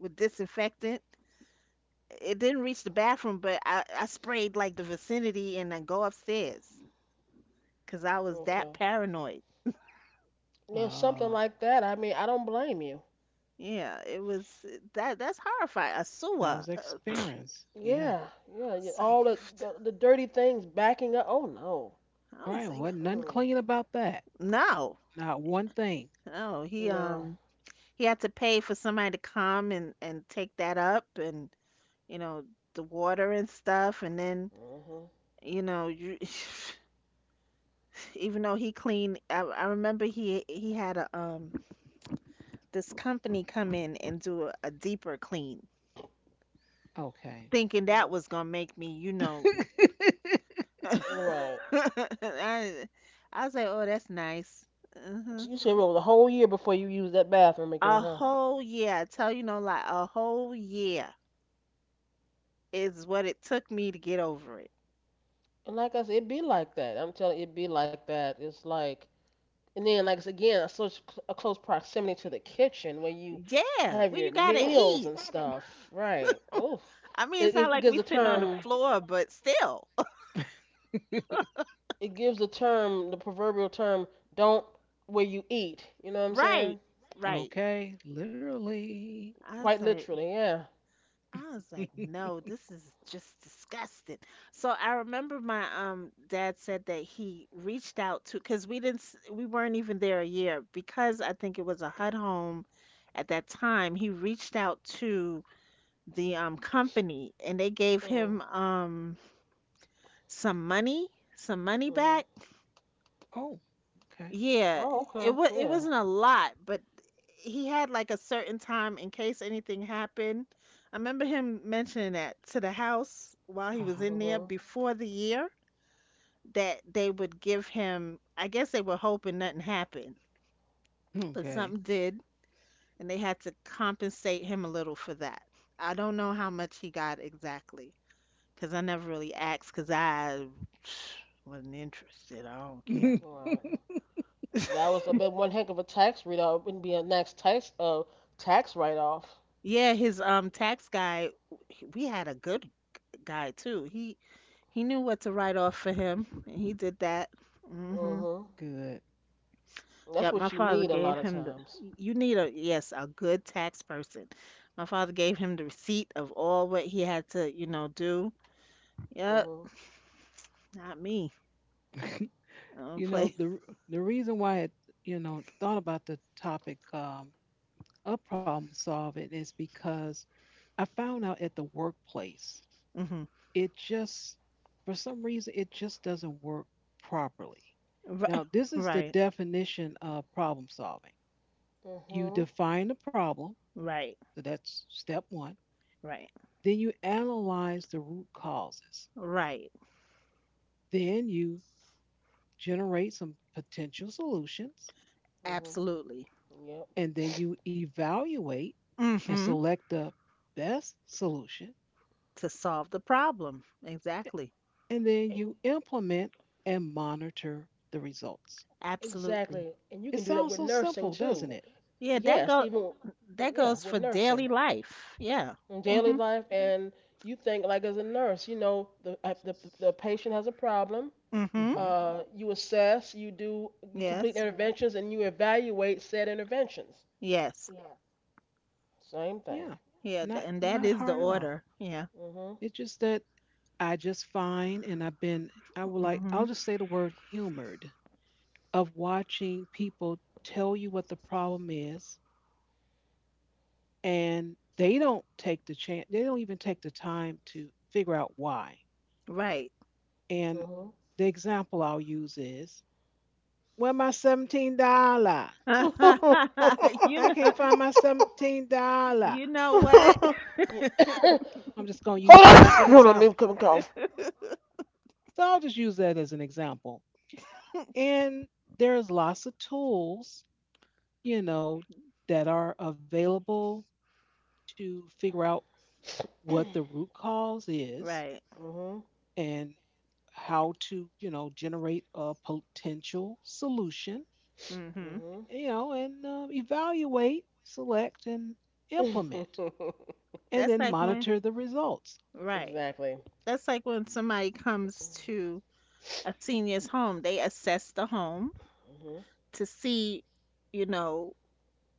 B: with disinfectant. It didn't reach the bathroom, but I, I sprayed like the vicinity and then go upstairs because I was
C: Okay.
B: that paranoid.
C: Now, something like that, I mean, I don't blame you.
B: Yeah, it was, eh, that that's horrifying. A
A: that
B: sewer.
A: was
B: Uh,
A: experience. Yeah.
C: Yeah, yeah, yeah.
B: It's like,
C: All the, the the dirty things backing up. Oh no.
B: I was
A: Right.
B: like,
A: Wasn't nothing
C: Mm-mm.
A: clean about that.
B: no,
A: Not one thing.
B: no. He
C: No.
B: um He had to pay for somebody to come and and take that up and you know the water and stuff, and then
C: Mhm.
B: you know you even though he cleaned, I, I remember he he had a um this company come in and do a, a deeper clean
A: Okay.
B: thinking that
C: Mhm.
B: was gonna make me you know I,
C: Right.
B: I was like, oh, that's nice. hmm
C: So you said it was a whole year before you used that bathroom
B: a
C: again, huh?
B: whole year, I tell you no lie, a whole year is what it took me to get over it.
C: And like I said, it be like that. I'm telling you, it be like that. It's like, and then like it's again a such cl- a close proximity to the kitchen where you
B: Yeah,
C: have
B: well, you
C: your
B: gotta
C: meals
B: eat.
C: and stuff. Right. Oof.
B: I mean, it's
C: It,
B: not
C: it it
B: like
C: gives
B: we
C: a
B: sitting on the
C: term.
B: floor, but still.
C: It gives the term, the proverbial term, don't where you eat. You know what I'm saying?
B: Right. Right.
A: Okay. Literally.
B: I was
C: Quite
B: like
C: literally, yeah.
B: I was like, no, this is just disgusting. So I remember my um dad said that he reached out to, because we didn't s- we weren't even there a year, because I think it was a HUD home at that time. He reached out to the um company, and they gave
C: Mm,
B: him um some money, some money
C: mhm.
B: back.
A: Oh, okay.
B: Yeah,
C: Oh,
B: it
C: okay,
B: was it
C: yeah.
B: wasn't a lot, but he had like a certain time in case anything happened. I remember him mentioning that to the house while he was
A: Uh
B: in there
C: Mhm.
B: before the year that they would give him. I guess they were hoping nothing happened, but
A: Okay.
B: something did, and they had to compensate him a little for that. I don't know how much he got exactly, 'cause I never really asked, 'cause I wasn't interested. I don't care.
A: Good.
C: Right. That was a bit one heck of a tax write off. Wouldn't be a next tax uh tax write off.
B: Yeah, his um tax guy, w- we had a good g- guy too. He he knew what to write off for him, and he did that. Mhm.
C: Mhm. That's
B: Yep, my
C: what you
B: father
C: need a
B: gave
C: lot of
B: him the —
C: times.
B: you need a, yes, a good tax person. My father gave him the receipt of all what he had to, you know, do.
C: Mhm.
B: Yep, not me. I don't
A: You know
B: play.
A: the r- the reason why I you know thought about the topic um, of problem solving is because I found out at the workplace
B: Mhm.
A: it just for some reason it just doesn't work properly.
B: Right,
A: Now this is the
B: right,
A: definition of problem solving. You
C: Mhm.
A: define the problem,
B: right,
A: so that's step one.
B: right,
A: Then you analyze the root causes.
B: right.
A: Then you generate some potential solutions,
C: Mhm.
B: Absolutely.
C: Yep.
A: and then you evaluate and
B: Mhm.
A: select the best solution,
B: To solve the problem. Exactly.
A: and then
C: And
A: you implement and monitor the results.
B: Absolutely.
C: exactly. And you can
A: It
C: do that
A: sounds
C: with
A: so
C: nursing
A: simple,
C: too.
A: doesn't it?
B: Yeah, that
C: Yes,
B: go
C: even
B: That
C: yeah,
B: goes
C: with
B: for
C: nursing
B: daily life. Yeah.
C: in daily
B: Mhm.
C: life, and you think like as a nurse, you know, the uh, the the patient has a problem.
B: Mhm.
A: Hmm.
C: Uh, you assess, you do, you complete
B: Yes.
C: interventions, and you evaluate said interventions.
B: Yes.
C: Same
A: Yeah,
C: thing.
B: Yeah,
A: not
B: th- and that
A: not
B: is the
A: hard at all.
B: order. Yeah.
C: Mhm.
A: It's just that I just find, and I've been, I would like, I'll
B: Mhm.
A: just say the word humored of watching people tell you what the problem is and they don't take the chance, they don't even take the time to figure out why.
B: Right.
A: And
C: Mhm.
A: the example I'll use is, where my seventeen dollars?
B: you
A: I
B: know
A: can't find my seventeen dollars.
B: you know what?
C: Yeah.
A: I'm just going to
C: Hold
A: use that as an
C: on. Hold on. I'm
A: example,
C: coming off.
A: so I'll just use that as an example. And there's lots of tools, you know that are available to figure out what the root cause is,
B: Right.
C: Mhm.
A: and how to you know generate a potential solution,
B: Mhm.
C: Mhm.
A: you know, and um, evaluate, select, and implement, and then
B: That's like when
A: monitor the results.
B: Right.
C: Exactly.
B: That's like when somebody comes to a senior's home, they assess the home
C: Mhm.
B: to see, you know,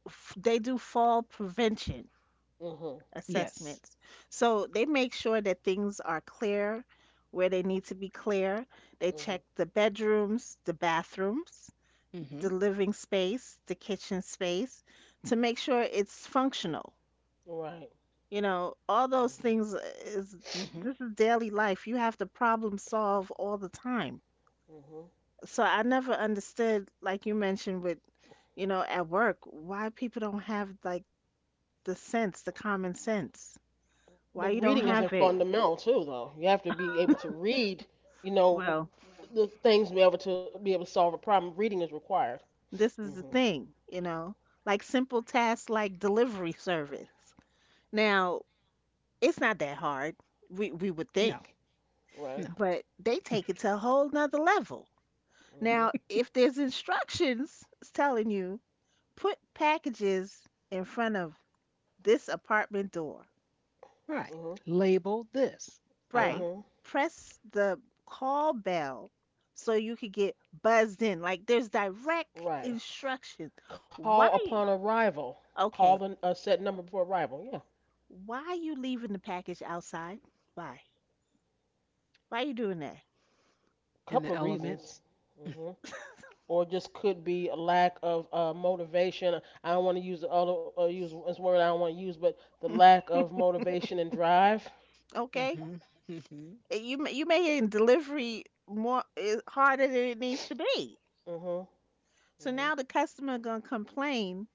B: f- they do fall prevention
C: Mhm.
A: Yes.
B: assessments. So they make sure that things are clear where they need to be clear. They check
C: Mhm.
B: the bedrooms, the bathrooms,
A: Mm-hmm.
B: the living space, the kitchen space to make sure it's functional.
C: Right.
B: You know, all those
C: Mhm.
B: things is
A: Mm-hmm.
B: this is daily life. You have to problem solve all the time.
C: Mhm.
B: So I never understood, like you mentioned with, you know, at work, why people don't have like the sense, the common sense. Why
C: But
B: you don't
C: reading
B: have
C: isn't
B: it?
C: fundamental too, though. You have to be able to read. You know,
B: Well,
C: the things to be able to be able to solve a problem. Reading is required.
B: this is the
C: Hmm.
B: thing, you know, like simple tasks like delivery service. Now, it's not that hard, we, we would
A: No.
B: think,
C: Right.
A: No.
B: but they take it to a whole nother level.
C: Hmm.
B: Now, if there's instructions telling you, put packages in front of this apartment door,
A: Right.
C: Hmm.
A: Label this. Uh huh.
B: right?
C: Hmm.
B: Press the call bell so you could get buzzed in. Like, there's direct
C: Right.
B: instruction.
C: Call
B: Why?
C: upon arrival. Call the,
B: Okay.
C: a set number before arrival. Yeah.
B: Why you leaving the package outside? Why? Why you doing that?
C: A
A: And the
C: couple of reasons.
A: elements.
C: Hmm. Or just could be a lack of uh, motivation. I don't want to use the other uh, use this word I don't want to use, but the lack of motivation and drive.
B: Okay?
A: Mm-hmm. Mm-hmm.
B: You ma- you making delivery more eh, harder than it needs to be.
C: Hmm.
B: So now
C: Hmm.
B: the customer gonna complain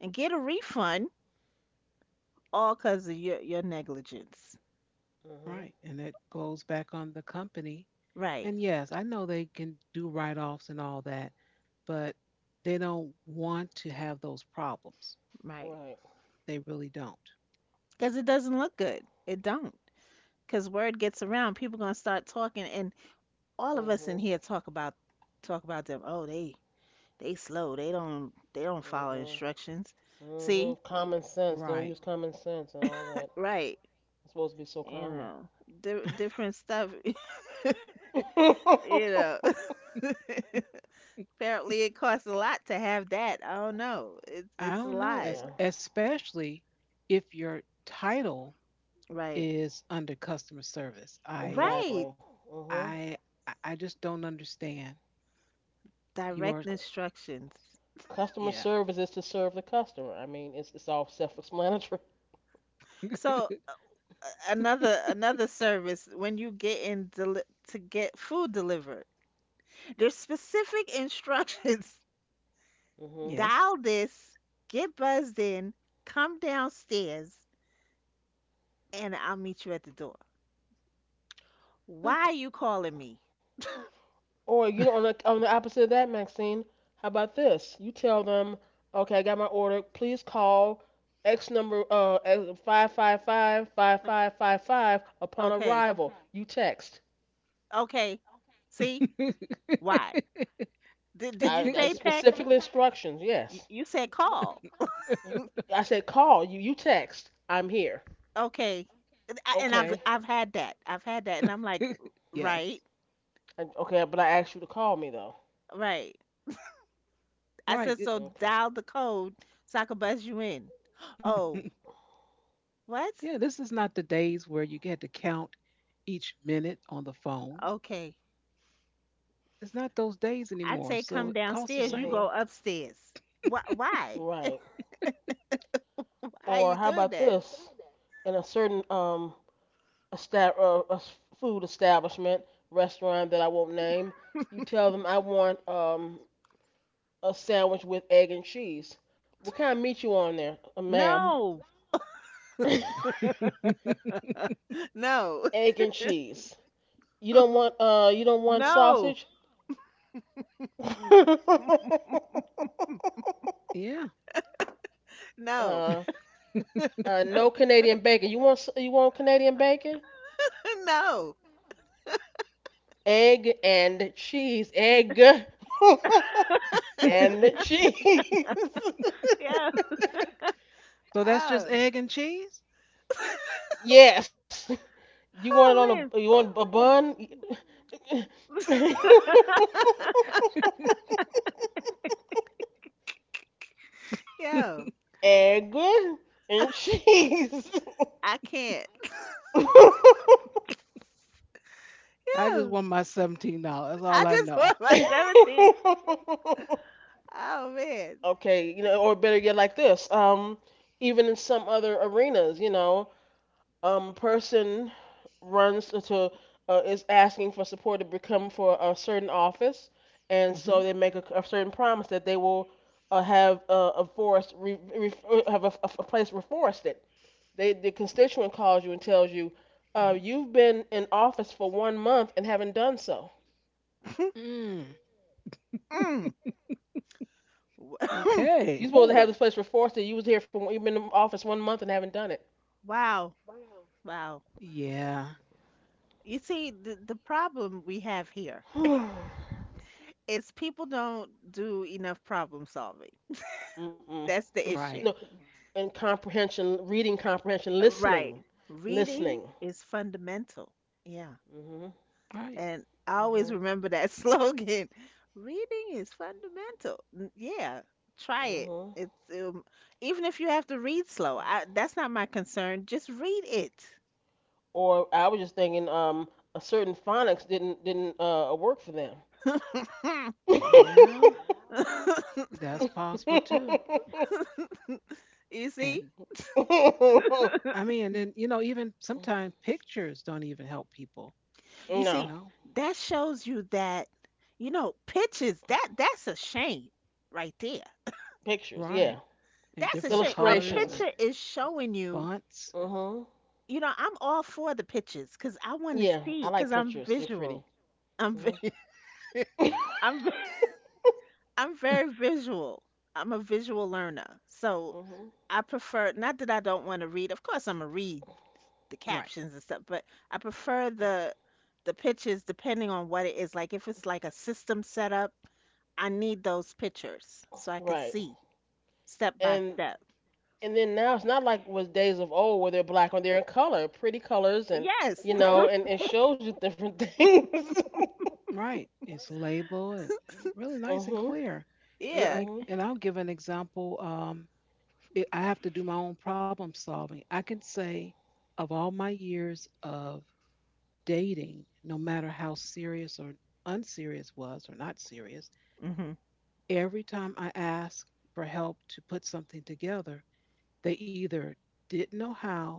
B: and get a refund all because of your your negligence.
C: Hmm.
A: Right. And it goes back on the company.
B: Right,
A: And yes, I know they can do write offs and all that, but they don't want to have those problems.
B: right.
C: Right.
A: They really don't.
B: Because it doesn't look good. It don't. Because word gets around, people gonna start talking, and all of us in
C: Hmm.
B: here talk about talk about them. Oh, they they slow. They don't they don't follow
C: Hmm.
B: instructions. See?
C: Hmm. Common sense. They
A: Right.
C: don't use common sense and all that.
B: Right.
C: It's supposed to be so
B: you
C: common.
B: know, di- Different stuff. You know. Apparently it costs a lot to have that. I don't know. It's
A: I
B: it's a
A: don't know,
B: lot.
A: es-
C: Yeah.
A: especially if your title
B: Right.
A: is under customer service. I
B: Right.
C: Exactly. Mhm.
A: I I I just don't understand. You are,
B: Direct
C: C-
B: instructions.
C: Customer
A: yeah.
C: service is to serve the customer. I mean, it's it's all self-explanatory.
B: So a- another another service, when you get in deli- to get food delivered. There's specific instructions.
C: Mhm.
A: Yes,
B: Dial this, get buzzed in, come downstairs, and I'll meet you at the door. Why are
A: simple.
B: you calling me?
C: Or you know, on the on the opposite of that, Maxine, how about this? You tell them, okay, I got my order. Please call X number uh five five five five five five five upon
B: Okay.
C: arrival. You text.
B: Okay. See? Why? Did did you
C: I
B: say
C: that's
B: text?
C: specifically instructions.
B: You,
C: Yes.
B: you said call.
C: You, I said call. You you text. I'm here.
B: Okay. And I- and I've
C: Okay.
B: I've had that. I've had that, and I'm like, right,
A: Yes.
C: I, okay, but I asked you to call me though.
B: right. I
A: Right.
B: said
A: It-
B: so
C: Okay.
B: dial the code so I could buzz you in. Oh, what?
A: yeah, this is not the days where you had to count each minute on the phone.
B: Okay.
A: It's not those days
B: I
A: anymore,
B: say come
A: so it costs the
B: downstairs, you
A: same.
B: go
C: Mhm.
B: upstairs. Why why?
C: Right.
B: Why are
C: Or
B: you
C: how about
B: doing that?
C: this? In a certain um a sta- uh, a s- food establishment, restaurant that I won't name, you tell them I want um a sandwich with egg and cheese. What kind of meat you on there, uh, ma'am?
B: No. No.
C: Egg and cheese. You don't want uh you don't want
B: No.
C: sausage?
B: No.
A: Yeah.
B: No.
C: uh, uh no Canadian bacon. You want s- you want Canadian bacon?
B: No.
C: Egg and cheese. Egg and cheese.
B: Yeah.
A: So that's just
B: Oh.
A: egg and cheese.
C: Yes. You want it on a you
B: Oh
C: want a bun?
B: man. Yo,
C: Egg and cheese.
B: I can't.
A: I just
B: Yo,
A: want my seventeen dollars. That's all
B: I
A: I
B: just
A: know.
B: want my seventeen. Oh man.
C: Okay, you know, or better yet, like this. Um, even in some other arenas, you know, um, person runs to uh, is asking for support to become for a certain office, and
A: Mm-hmm.
C: so they make a, a certain promise that they will uh, have uh, a forest re, re, have a, a place reforested. They the constituent calls you and tells you, uh,
A: Mm-hmm.
C: you've been in office for one month and haven't done so.
A: Mm.
B: Mm.
A: Okay.
C: You supposed to have this place reforested. You was here for you've been in office one month and haven't done it.
B: Wow. Wow.
A: Yeah.
B: You see, the, the problem we have here is people don't do enough problem solving.
C: Mm-mm.
B: That's the
C: No,
A: Right.
B: issue.
C: and comprehension, reading comprehension,
B: Right.
C: listening,
B: Reading
C: listening.
B: is fundamental. Yeah.
C: Hmm.
A: Right.
B: And I always
C: Mhm.
B: remember that slogan. Reading is fundamental. N- Yeah, try it.
C: Mhm.
B: It's um, even if you have to read slow. I, that's not my concern. Just read it.
C: Or I was just thinking, um, a certain phonics didn't didn't uh work for them.
A: Yeah. That's possible too.
B: You see?
A: And I mean, and then, you know, even sometimes pictures don't even help people.
B: You
A: You
B: see,
C: No.
A: know.
B: that shows you that, you know, pictures, that that's a shame right there.
C: Pictures.
A: Right.
C: Yeah.
A: And
B: That's a
A: different
B: shame. A
A: colors and
C: Illustrations.
B: picture is showing you,
A: fonts.
C: Mhm.
B: you know, I'm all for the pictures because I want to
C: Yeah.
B: see,
C: I
B: because
C: like
B: I'm
C: pictures. They're
B: visual.
C: pretty.
B: I'm
C: Mhm.
B: vi-
C: Mhm.
B: I'm vi- I'm very visual. I'm a visual learner. So I prefer, not that I don't want to read, of course I'm gonna read the
A: Right.
B: captions and stuff, but I prefer the the pictures depending on what it is. Like if it's like a system setup, I need those pictures so I can
C: Right.
B: see step by
C: And
B: step.
C: and then now it's not like was days of old where they're black and they're in color, pretty colors, and
B: Yes.
C: you know, and it shows you different things.
A: Right. It's labeled and and really nice and
C: Mhm.
A: clear. L-
B: Yeah.
A: I,
C: Mhm.
A: and I'll give an example. Um, it, I have to do my own problem solving. I can say, of all my years of dating, no matter how serious or unserious was or not serious,
B: Hmm.
A: every time I asked for help to put something together, they either didn't know how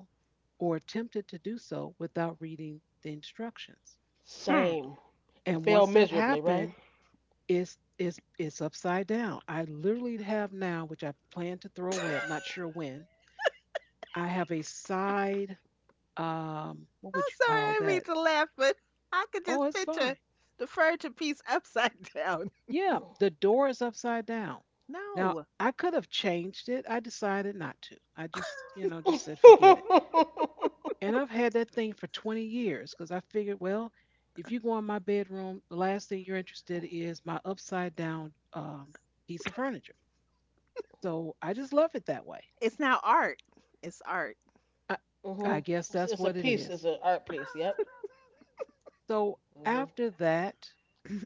A: or attempted to do so without reading the instructions.
B: Hmm.
C: Same. And
A: And
C: fail
A: once that
C: miserably, right?
A: happened, It's it's it's upside down. I literally have now, which I plan to throw away. I'm not sure when. I have a side. Um, what would
B: I'm
A: you
B: sorry,
A: call
B: I did mean
A: that?
B: to laugh, but I could
A: Oh,
B: just
A: it's fine.
B: picture the furniture piece upside down.
A: Yeah, the door is upside down. Now
B: No,
A: I could have changed it. I decided not to. I just you know just
C: Mhm.
A: said forget it. And I've had that thing for twenty years because I figured, well, if you go in my bedroom, the last thing you're interested is my upside down um, piece of furniture. So I just love it that way.
B: it's now art. It's art.
A: I, I guess
C: It's,
A: that's
C: it's a
A: what it
C: piece. It's
A: is.
C: an art piece. Yep.
A: So
C: Mhm.
A: after that,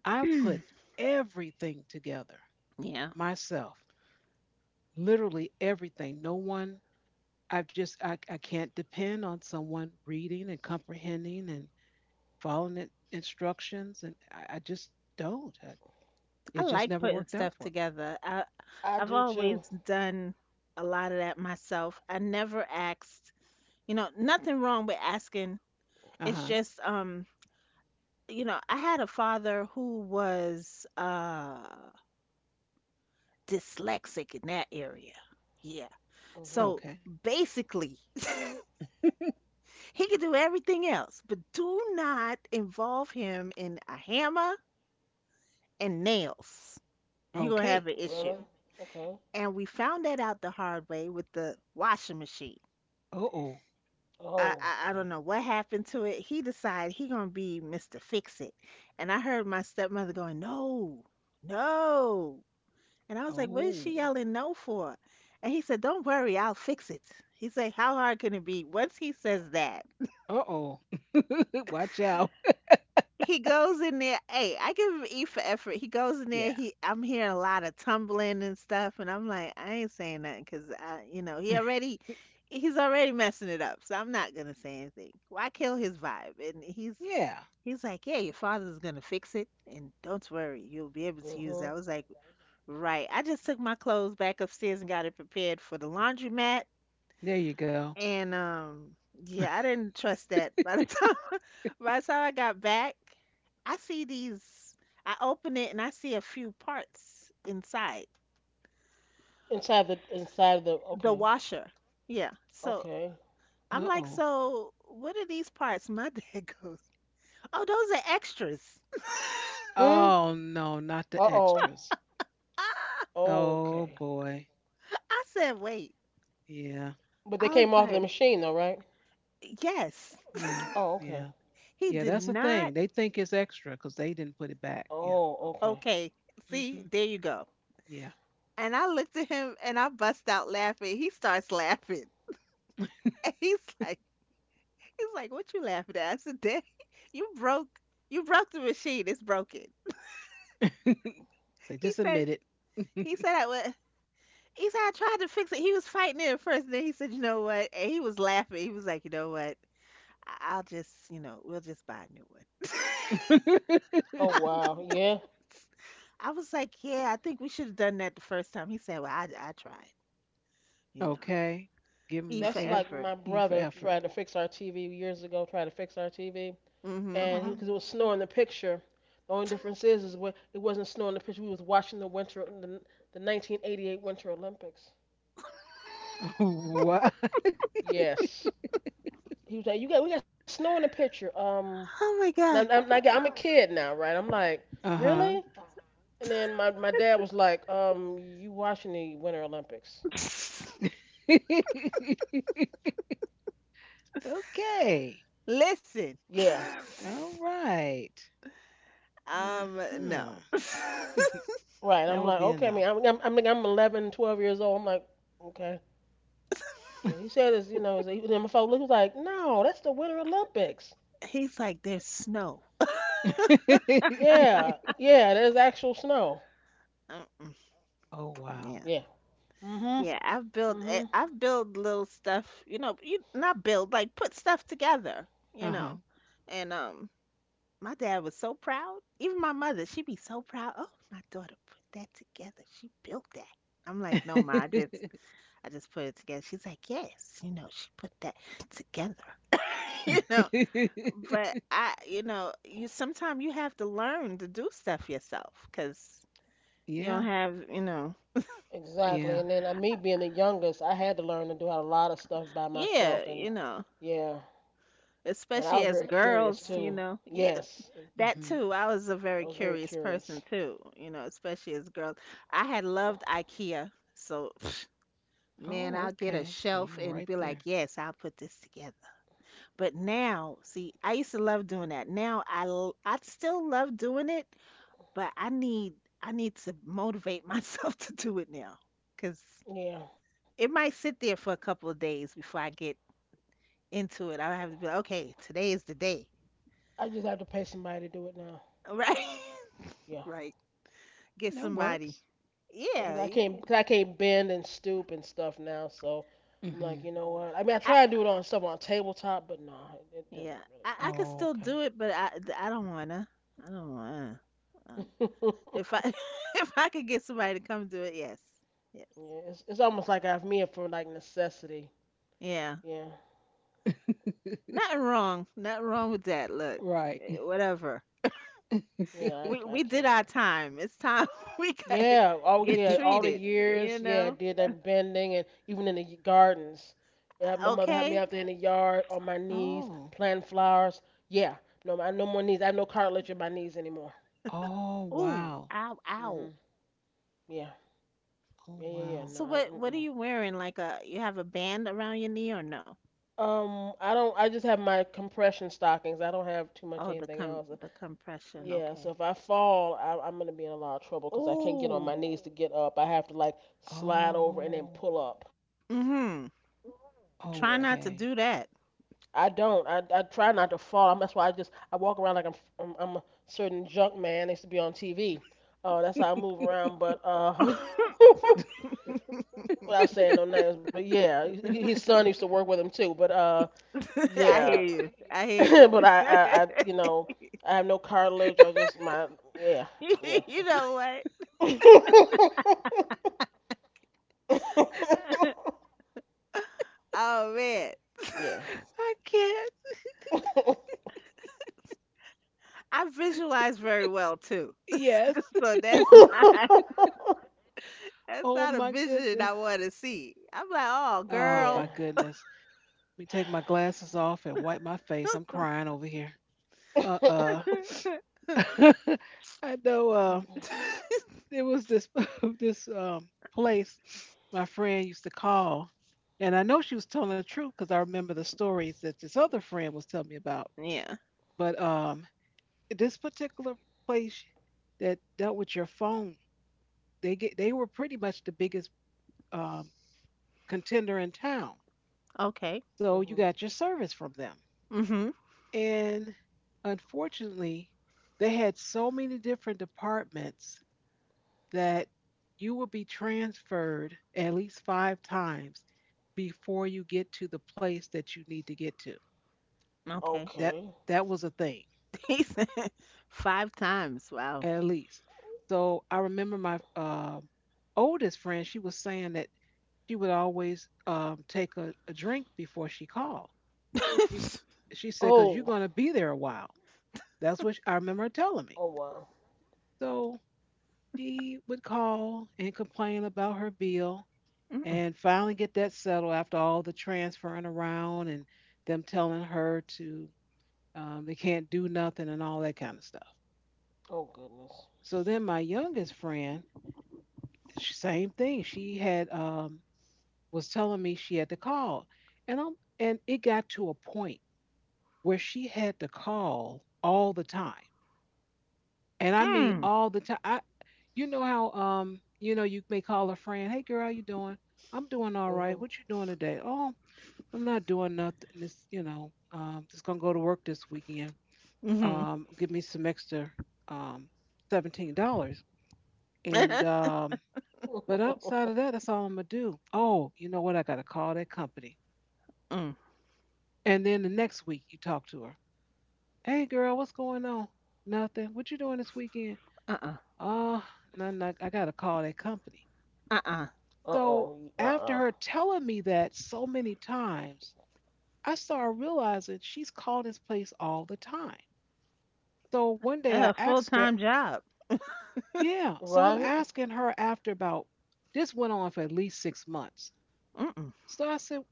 A: I've put everything together
B: Yeah,
A: myself, literally everything. No one, I've just, I, I can't depend on someone reading and comprehending and following in- instructions. And I, I just don't. I,
B: I
A: it just
B: like
A: never
B: putting
A: worked out
B: stuff
A: for me.
B: together. I,
C: I
B: I've
C: do too.
B: always done a lot of that myself. I never asked, you know, nothing wrong with asking.
A: Uh
B: It's
A: huh.
B: just, um, you know, I had a father who was uh dyslexic in that area. Yeah.
C: Mhm.
B: So
A: Okay.
B: basically, he could do everything else, but do not involve him in a hammer and nails. You're gonna have
A: Okay.
B: an
C: Really?
B: issue.
C: Okay.
B: And we found that out the hard way with the washing machine.
A: Uh oh.
B: I,
C: Oh.
B: I
C: Okay.
B: I don't know what happened to it. He decided he gonna be Mister Fix It, and I heard my stepmother going, no, no, and I was like, what is she
A: Oh.
B: yelling no for? And he said, don't worry, I'll fix it. He said, how hard can it be? Once he says that,
A: Uh oh. Watch out.
B: he goes in there, hey, I give him E for effort. He goes in there,
A: Yeah.
B: he I'm hearing a lot of tumbling and stuff, and I'm like, I ain't saying nothing 'cause I, you know, he already he's already messing it up, so I'm not gonna say anything. Why kill his vibe? And he's
A: Yeah.
B: he's like, yeah, your father's gonna fix it and don't worry, you'll be able to use
C: Mhm.
B: that. I was like, right. I just took my clothes back upstairs and got it prepared for the laundromat,
A: There you go.
B: and um yeah, I didn't trust that. By the time, by the time I got back, I see these. I open it and I see a few parts inside
C: Inside the inside the.
B: the
C: Okay.
B: washer. Yeah. So
C: Okay.
B: I'm like,
A: Uh-oh.
B: so what are these parts? My dad goes, oh, those are extras.
C: Hmm.
A: Oh no, not
C: Uh
A: the
C: oh.
A: extras.
B: Ah,
A: Oh
C: Okay.
A: boy.
B: I said, wait.
A: Yeah.
C: But they
B: I was
C: came off the
B: like,
C: machine though, right?
B: yes.
A: Yeah.
C: Oh. Okay.
A: Yeah.
B: He
A: Yeah,
B: did
A: that's the thing.
B: not.
A: They think it's extra because they didn't put it back. Yeah.
C: Oh. Okay.
B: Okay. See,
A: Hmm.
B: there you go.
A: Yeah.
B: And I looked at him and I bust out laughing. He starts laughing. And he's like, He's like, "What you laughing at?" I said, "Daddy, you broke, you broke the machine. It's broken."
A: So
B: He
A: just
B: said
A: admit it.
B: "He said I wa He said, "I tried to fix it." He was fighting it at first, and then he said, "You know what?" And he was laughing. He was like, "You know what? I- I'll just, you know, we'll just buy a new one."
C: Oh wow. Yeah.
B: I was like, "Yeah, I think we should have done that the first time." He said, "Well, I, I tried. You know,
A: Okay. Give
B: E
A: them
B: for
C: That's
A: a
C: like my
B: effort."
A: E for
C: brother
A: effort.
C: tried to fix our T V years ago. Tried to fix our T V.
B: Hmm.
A: Uh
C: And he
A: huh.
C: because it was snow in the picture. The only difference is is when it wasn't snow in the picture. We was watching the winter the, the nineteen eighty-eight Winter Olympics.
A: What?
C: Yes, he was like, you got we got snow in the picture. Um,
B: Oh my
C: and
B: God.
C: I'm, I'm, like, I'm a kid now, right? I'm like,
A: Uh huh.
C: really? And then my my dad was like, um, you watching the Winter Olympics?
A: Okay.
B: Listen.
C: Yeah,
A: All right. Uh
B: Um, no.
A: huh.
C: right.
A: That
C: I'm
A: would
C: like,
A: be a
C: okay. I mean,
A: no.
C: I'm I'm I'm, like, I'm eleven, twelve years old. I'm like, okay. Well, he said this, you know, he's like- and then my father looked he was like, no, that's the Winter Olympics.
B: He's like, "There's snow."
C: Yeah, yeah, there's actual snow.
B: Uh-uh.
A: Oh wow.
B: Yeah.
C: Yeah, mhm.
B: Yeah, I've built eh,
C: Mhm.
B: I've built little stuff, you know, you not build, like put stuff together, you
A: Uh huh.
B: know. And um my dad was so proud. Even my mother, she'd be so proud. Oh, my daughter put that together. She built that. I'm like, no, ma, I just I just put it together. She's like, yes, you know, she put that together. You know, but I, you know, you sometimes you have to learn to do stuff yourself because you don't
A: Yeah.
B: have, you know,
C: Exactly.
A: Yeah.
C: And then uh, me being the youngest, I had to learn to do a lot of stuff by
B: yeah,
C: myself. And
B: you know.
C: yeah, and I
B: Especially
C: was
B: as
C: very curious
B: girls, you
C: too.
B: know. Yeah,
C: Yes, and
B: that
A: Hmm.
B: too. I was a very
C: I was very
B: curious
C: curious.
B: person too, you know, especially as girls. I had loved IKEA. So, man,
A: Oh,
B: I'll get a
A: okay. So you
B: shelf
A: were
B: and
A: right
B: be like,
A: there.
B: "Yes, I'll put this together." But now, see, I used to love doing that. Now I l- I still love doing it, but I need I need to motivate myself to do it now, cuz
C: Yeah,
B: it might sit there for a couple of days before I get into it. I have to be like, "Okay, today is the day."
C: I just have to pay somebody to do it now.
B: Right?
C: Yeah,
B: Right. Get
A: That
B: somebody.
A: works.
C: because
B: Yeah,
C: I
B: you,
C: can't, cause I can't bend and stoop and stuff now. So I'm like,
A: Hmm.
C: you know what? I mean, I
B: I
C: try to do it on stuff on a tabletop, but nah, it, it doesn't
B: yeah, I, I could
A: Oh,
B: still do it, but I I don't wanna. I don't wanna. Um,
C: really work.
B: If I if I could get somebody to come do it, yes, yes,
C: Yeah, it's it's almost like I've made for like necessity.
B: yeah.
C: Yeah,
A: okay.
B: Nothing wrong. Nothing wrong with that. Look,
A: Right.
B: eh, whatever.
C: yeah,
B: We
C: I, I
B: we did
C: can't.
B: our time. It's time we got
C: Yeah, oh
B: get
C: yeah, all the
B: treated. You
C: years, yeah, I
B: know.
C: did that bending and even in the y- gardens. Yeah, my mother had
B: Okay.
C: me out there in the yard on my knees
A: Oh.
C: planting flowers. Yeah, no, I have no more knees. I have no cartilage in my knees anymore.
A: Oh
B: Ooh.
A: wow.
B: Ow. Ow.
C: Mhm. Yeah,
A: Oh
C: yeah, yeah, yeah.
A: wow.
C: No,
B: So what what are
C: I,
B: you wearing? Like a you have a band around your knee or no?
C: mm-mm. Um, I don't. I just have my compression stockings. I don't have too
B: Oh,
C: much
B: the
C: anything
B: com
C: else.
B: the compression.
C: Yeah,
B: Okay.
C: so if I fall, I, I'm gonna be in a lot of trouble because I can't get on
B: Oh,
C: my knees to get up. I have to like slide over and then
A: Oh,
C: pull up.
B: mm mhm.
C: Yeah,
B: Try not to
A: okay.
B: do that.
C: I don't. I, I try not to fall. I'm, that's why I just I walk around like I'm f- I'm, I'm a certain junk man that used to be on T V. Uh, that's how I move around. But uh, without saying no names, but yeah, h- his son used to work with him too. But uh,
B: I
C: yeah,
B: hear you. I hear
C: but
B: you.
C: I, I I you know I have no cartilage. I just my yeah yeah.
B: You know what? Oh man.
C: Yeah.
A: I can't.
B: I visualize very well too.
A: Yes.
B: So that's not that's
A: Oh
B: not a
A: my
B: vision I
A: goodness.
B: want to see. I'm like, "Oh,
A: Oh
C: Yeah.
B: girl."
A: my goodness. Let me take my glasses off and wipe my face. I'm crying over here. Uh-uh. I know uh there was this this um place my friend used to call. And I know she was telling the truth because I remember the stories that this other friend was telling me about.
B: Yeah.
A: But um this particular place that dealt with your phone they get they were pretty much the biggest um, contender in town.
B: Okay.
C: Hmm.
A: So you got your service from them.
B: Mhm.
A: And unfortunately, they had so many different departments that you will be transferred at least five times before you get to the place that you need to get to.
B: Okay.
A: That
C: Okay.
A: that was a thing,
B: He said five times. Wow.
A: at least. So I remember my uh, oldest friend. She was saying that she would always um, take a, a drink before she called. She's she said, "Cause you're
C: Oh.
A: gonna be there a while." That's what I remember her telling
C: Oh
A: me.
C: wow.
A: So she would call and complain about her bill,
B: Mm-mm.
A: and finally get that settled after all the transferring around and them telling her to um, they can't do nothing and all that kind of stuff.
C: Oh goodness.
A: So then my youngest friend, sh- same thing. She had um, was telling me she had to call, and I'm, and it got to a point where she had to call all the time. And I mean
B: Mm.
A: all the time. I you know how um, you know, you may call a friend, hey girl, how you doing? I'm doing all
C: Mhm.
A: right. What you doing today? Oh, I'm not doing nothing. This you know, um, just gonna go to work this weekend.
B: Mhm.
A: Um, give me some extra um seventeen dollars. And um but outside of that, that's all I'm gonna do. Oh, you know what? I gotta call that company.
B: Mm.
A: And then the next week you talk to her. Hey girl, what's going on? Nothing. What you doing this weekend?
B: Uh-uh.
A: Uh, nothing. I, I gotta call that company.
B: Uh-uh.
C: Uh oh.
A: So
C: Uh uh.
A: after her telling me that so many times, I started realizing she's calling this place all the time. So one day I
B: A
A: asked her,
B: full-time job.
A: yeah. So
C: Right?
A: I'm asking her after about this went on for at least six months.
B: Mm-mm.
A: So I said,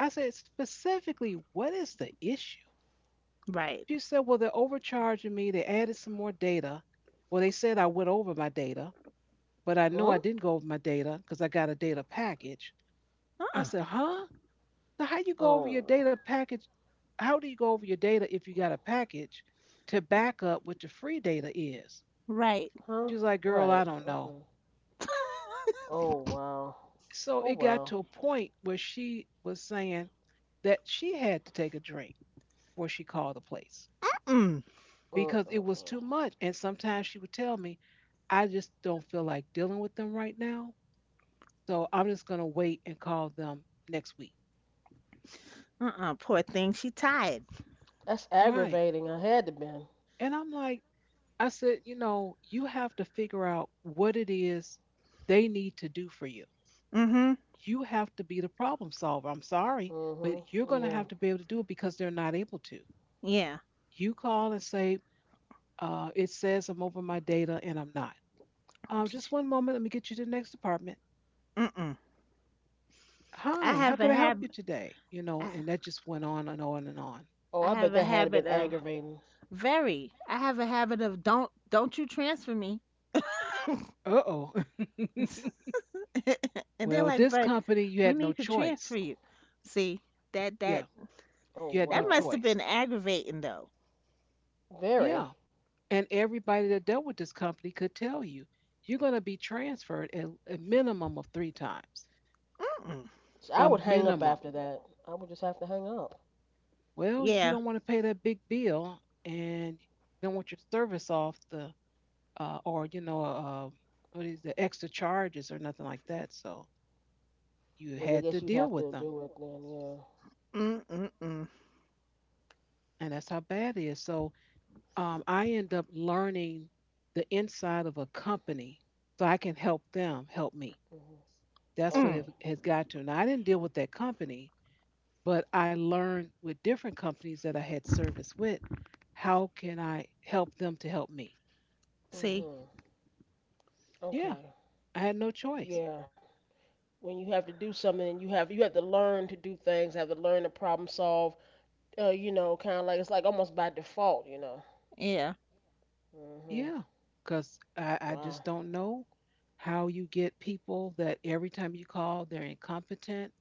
A: I said specifically, what is the issue?
B: Right.
A: She said, well, they're overcharging me. They added some more data. Well, they said I went over my data, but I
C: Huh?
A: know I didn't go over my data because I got a data package. I
B: Uh-uh.
A: said, huh? So how you go over your
C: Oh.
A: data package, how do you go over your data if you got a package to back up what the free data is?
B: Right.
C: Huh?
A: She's like, girl,
C: Right.
A: I don't know.
C: Okay. Oh wow.
A: So
C: Oh
A: it got
C: wow.
A: to a point where she was saying that she had to take a drink before she called the place
B: Mm.
C: Uh
A: because
C: uh
A: it was
C: uh.
A: too much. And sometimes she would tell me, I just don't feel like dealing with them right now. So I'm just going to wait and call them next week.
B: Uh-uh. Poor thing. She tired.
C: That's
A: Right.
C: aggravating. I had to been.
A: And I'm like, I said, you know, you have to figure out what it is they need to do for you.
B: Mm-hmm.
A: You have to be the problem solver. I'm sorry,
C: Mhm.
A: but you're going to
C: Yeah.
A: have to be able to do it because they're not able to.
B: Yeah.
A: You call and say, uh, it says I'm over my data and I'm not. Um, just
B: Psh.
A: one moment, let me get you to the next department.
B: Mm-mm. I
A: Hi, how
B: have a
A: can I help
B: hab,
A: you today? You know,
B: I,
A: and that just went on and on and on.
C: Oh,
B: I
C: I bet
B: have a
C: that had to been
B: habit of —
C: aggravating.
B: very. I have a habit of, don't don't you transfer me.
A: Uh oh.
B: And they're
A: Well, with
B: like,
A: this
B: but
A: company, you
B: we
A: had no
B: need to transfer
A: choice.
B: you. See, that
A: Yeah,
B: that
C: Oh
A: you had no
B: that must
C: wow.
B: have
A: choice.
B: been aggravating though.
C: Very.
A: Yeah. And everybody that dealt with this company could tell you you're going to be transferred at a minimum of three times,
B: Mm-mm.
C: So
A: a
C: I would hang up
A: minimum.
C: after that. I would just have to hang up.
A: Well, you
B: Yeah.
A: don't want to pay that big bill, and you don't want your service off the uh, or you know uh, what is the extra charges or nothing like that. So
C: Well,
A: you
C: yeah, I
A: had
C: guess you'd
A: to
C: have
A: deal
C: to
A: with them,
C: do it then. Yeah.
B: Mm-mm-mm.
A: and that's how bad it is. So um, I end up learning the inside of a company, so I can help them help me.
C: Hmm.
A: That's what
B: Mm.
A: it
C: Okay.
A: has got to. Now I didn't deal with that company, but I learned with different companies that I had service with, how can I help them to help me?
B: See.
C: Hmm.
A: Yeah,
C: Okay.
A: I had no choice.
C: Yeah. When you have to do something, you have you have to learn to do things, have to learn to problem solve. Uh, you know, kind of like it's like almost by default. You know.
B: Yeah.
C: Hmm.
A: Yeah, because I, I
C: Wow.
A: just don't know how you get people that every time you call, they're incompetent.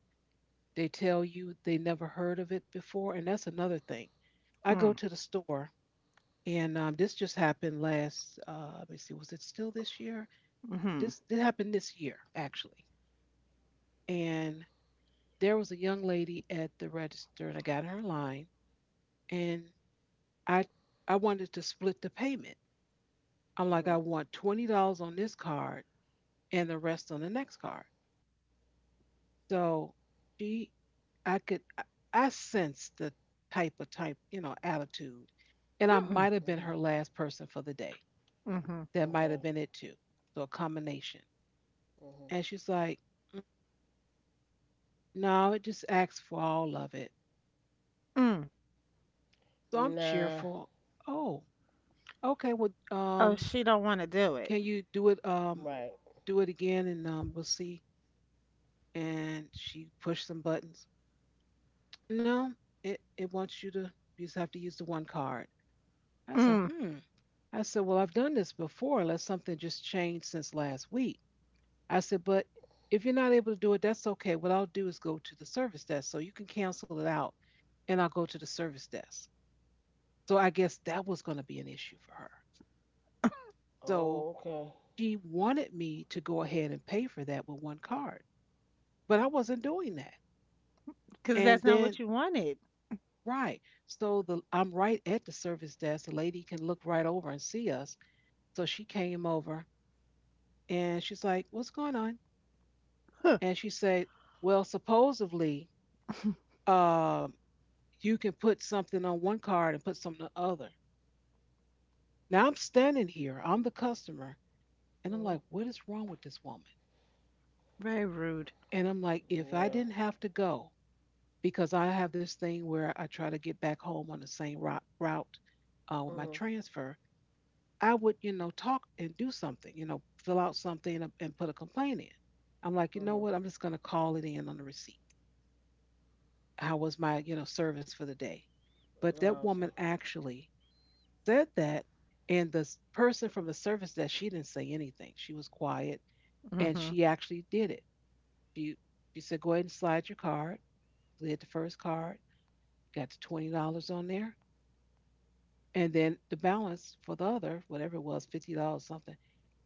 A: They tell you they never heard of it before. And that's another thing. I go
B: Mm.
A: to the store, and um, this just happened last, uh, let me see, was it still this year?
B: Mhm.
A: This, this happened this year, actually. And there was a young lady at the register, and I got her in line, and I, I wanted to split the payment. I'm like,
C: Hmm.
A: I want twenty dollars on this card and the rest on the next card. So she, I could, I I sensed the type of type, you know, attitude, and I
B: Mm-mm.
A: might have been
C: Hmm.
A: her last person for the day.
B: Mhm.
A: That might have
C: Okay.
A: been it too. So a combination.
C: Hmm.
A: And she's like, "Mm, no, it just asks for all of it.
B: Mm.
A: So I'm
C: Nah.
A: cheerful. Oh, okay. Well,
B: Oh,
A: um,
B: she don't want to do it.
A: can you do it? Um,
C: Right.
A: do it again, and um, we'll see. And she pushed some buttons. No, it it wants you to. You just have to use the one card. I said,
B: Cause
A: hmm. I said, well, I've done this before unless something just changed since last week. I said, but if you're not able to do it, that's okay. What I'll do is go to the service desk. So you can cancel it out and I'll go to the service desk. So I guess that was going to be an issue for her.
C: Oh,
A: So
C: okay.
A: she wanted me to go ahead and pay for that with one card, but I wasn't doing that. And
B: that's not what
A: then,
B: you wanted.
A: right. So the I'm right at the service desk. The lady can look right over and see us. So she came over and she's like, what's going on?
B: Huh.
A: And she said, well, supposedly, um, you can put something on one card and put something on the other. Now I'm standing here, I'm the customer, and I'm
C: Hmm.
A: like, what is wrong with this woman?
B: Very rude.
A: And I'm like, if I
C: Yeah.
A: didn't have to go, because I have this thing where I try to get back home on the same route, route uh, with my
C: Hmm.
A: transfer, I would, you know, talk and do something, you know, fill out something and, and put a complaint in. I'm like, you
C: Hmm.
A: know what? I'm just going to call it in on the receipt, how was my you know service for the day, but that
C: Lousy.
A: woman actually said that, and the person from the service desk, she didn't say anything, she was quiet, and
B: Mhm.
A: she actually did it. she she said go ahead and slide your card, slid the first card, got the twenty dollars on there, and then the balance for the other, whatever it was, fifty dollars something,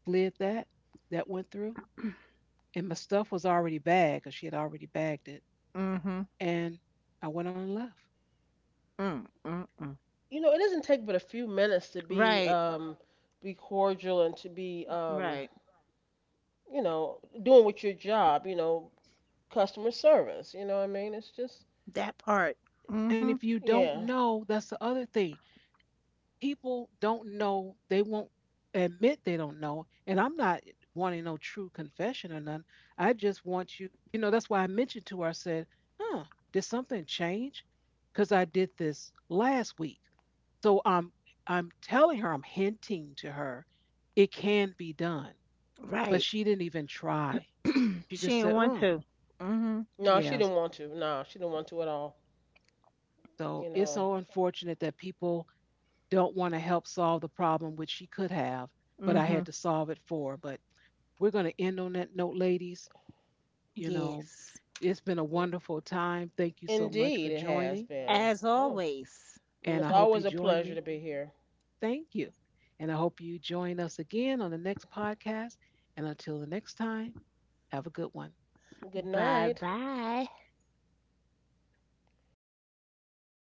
A: slid that, that went through, and my stuff was already bagged because she had already bagged it,
B: Mhm.
A: and I went on and left.
B: Mm. Mm-mm.
C: You know, it doesn't take but a few minutes to be
B: Right.
C: um be cordial and to be um
B: Right.
C: you know doing with your job. You know, customer service. You know what I mean? It's just
B: That part.
A: And
B: Mhm.
A: if you don't
C: yeah.
A: know, that's the other thing, people don't know, they won't admit they don't know, and I'm not wanting no true confession or none, I just want you, you know, that's why I mentioned to her, I said, huh, did something change, because I did this last week, so i'm I'm telling her, I'm hinting to her, it can be done, but
B: Right.
A: she didn't even try, she
B: She
A: just
B: didn't
A: said
B: want
A: mm,
B: to. Mhm.
C: No, she
A: yeah,
C: didn't want to. No, she didn't want to at all.
A: so
C: You
A: it's so
C: know.
A: unfortunate that people don't want to help solve the problem, which she could have, but I had
B: Mhm.
A: to solve it for her. But we're going to end on that note, ladies. You know,
B: Yes.
A: it's been a
C: Yeah.
A: wonderful time. Thank you so much for
C: Indeed, it has
A: joining,
C: been.
B: As
C: Oh,
B: always.
A: and I
C: it's
A: hope you
C: always a
A: join
C: pleasure to
A: me.
C: be here.
A: Thank you. And I hope you join us again on the next podcast. And until the next time, have a good one.
C: Good
B: Bye
C: night.
B: bye.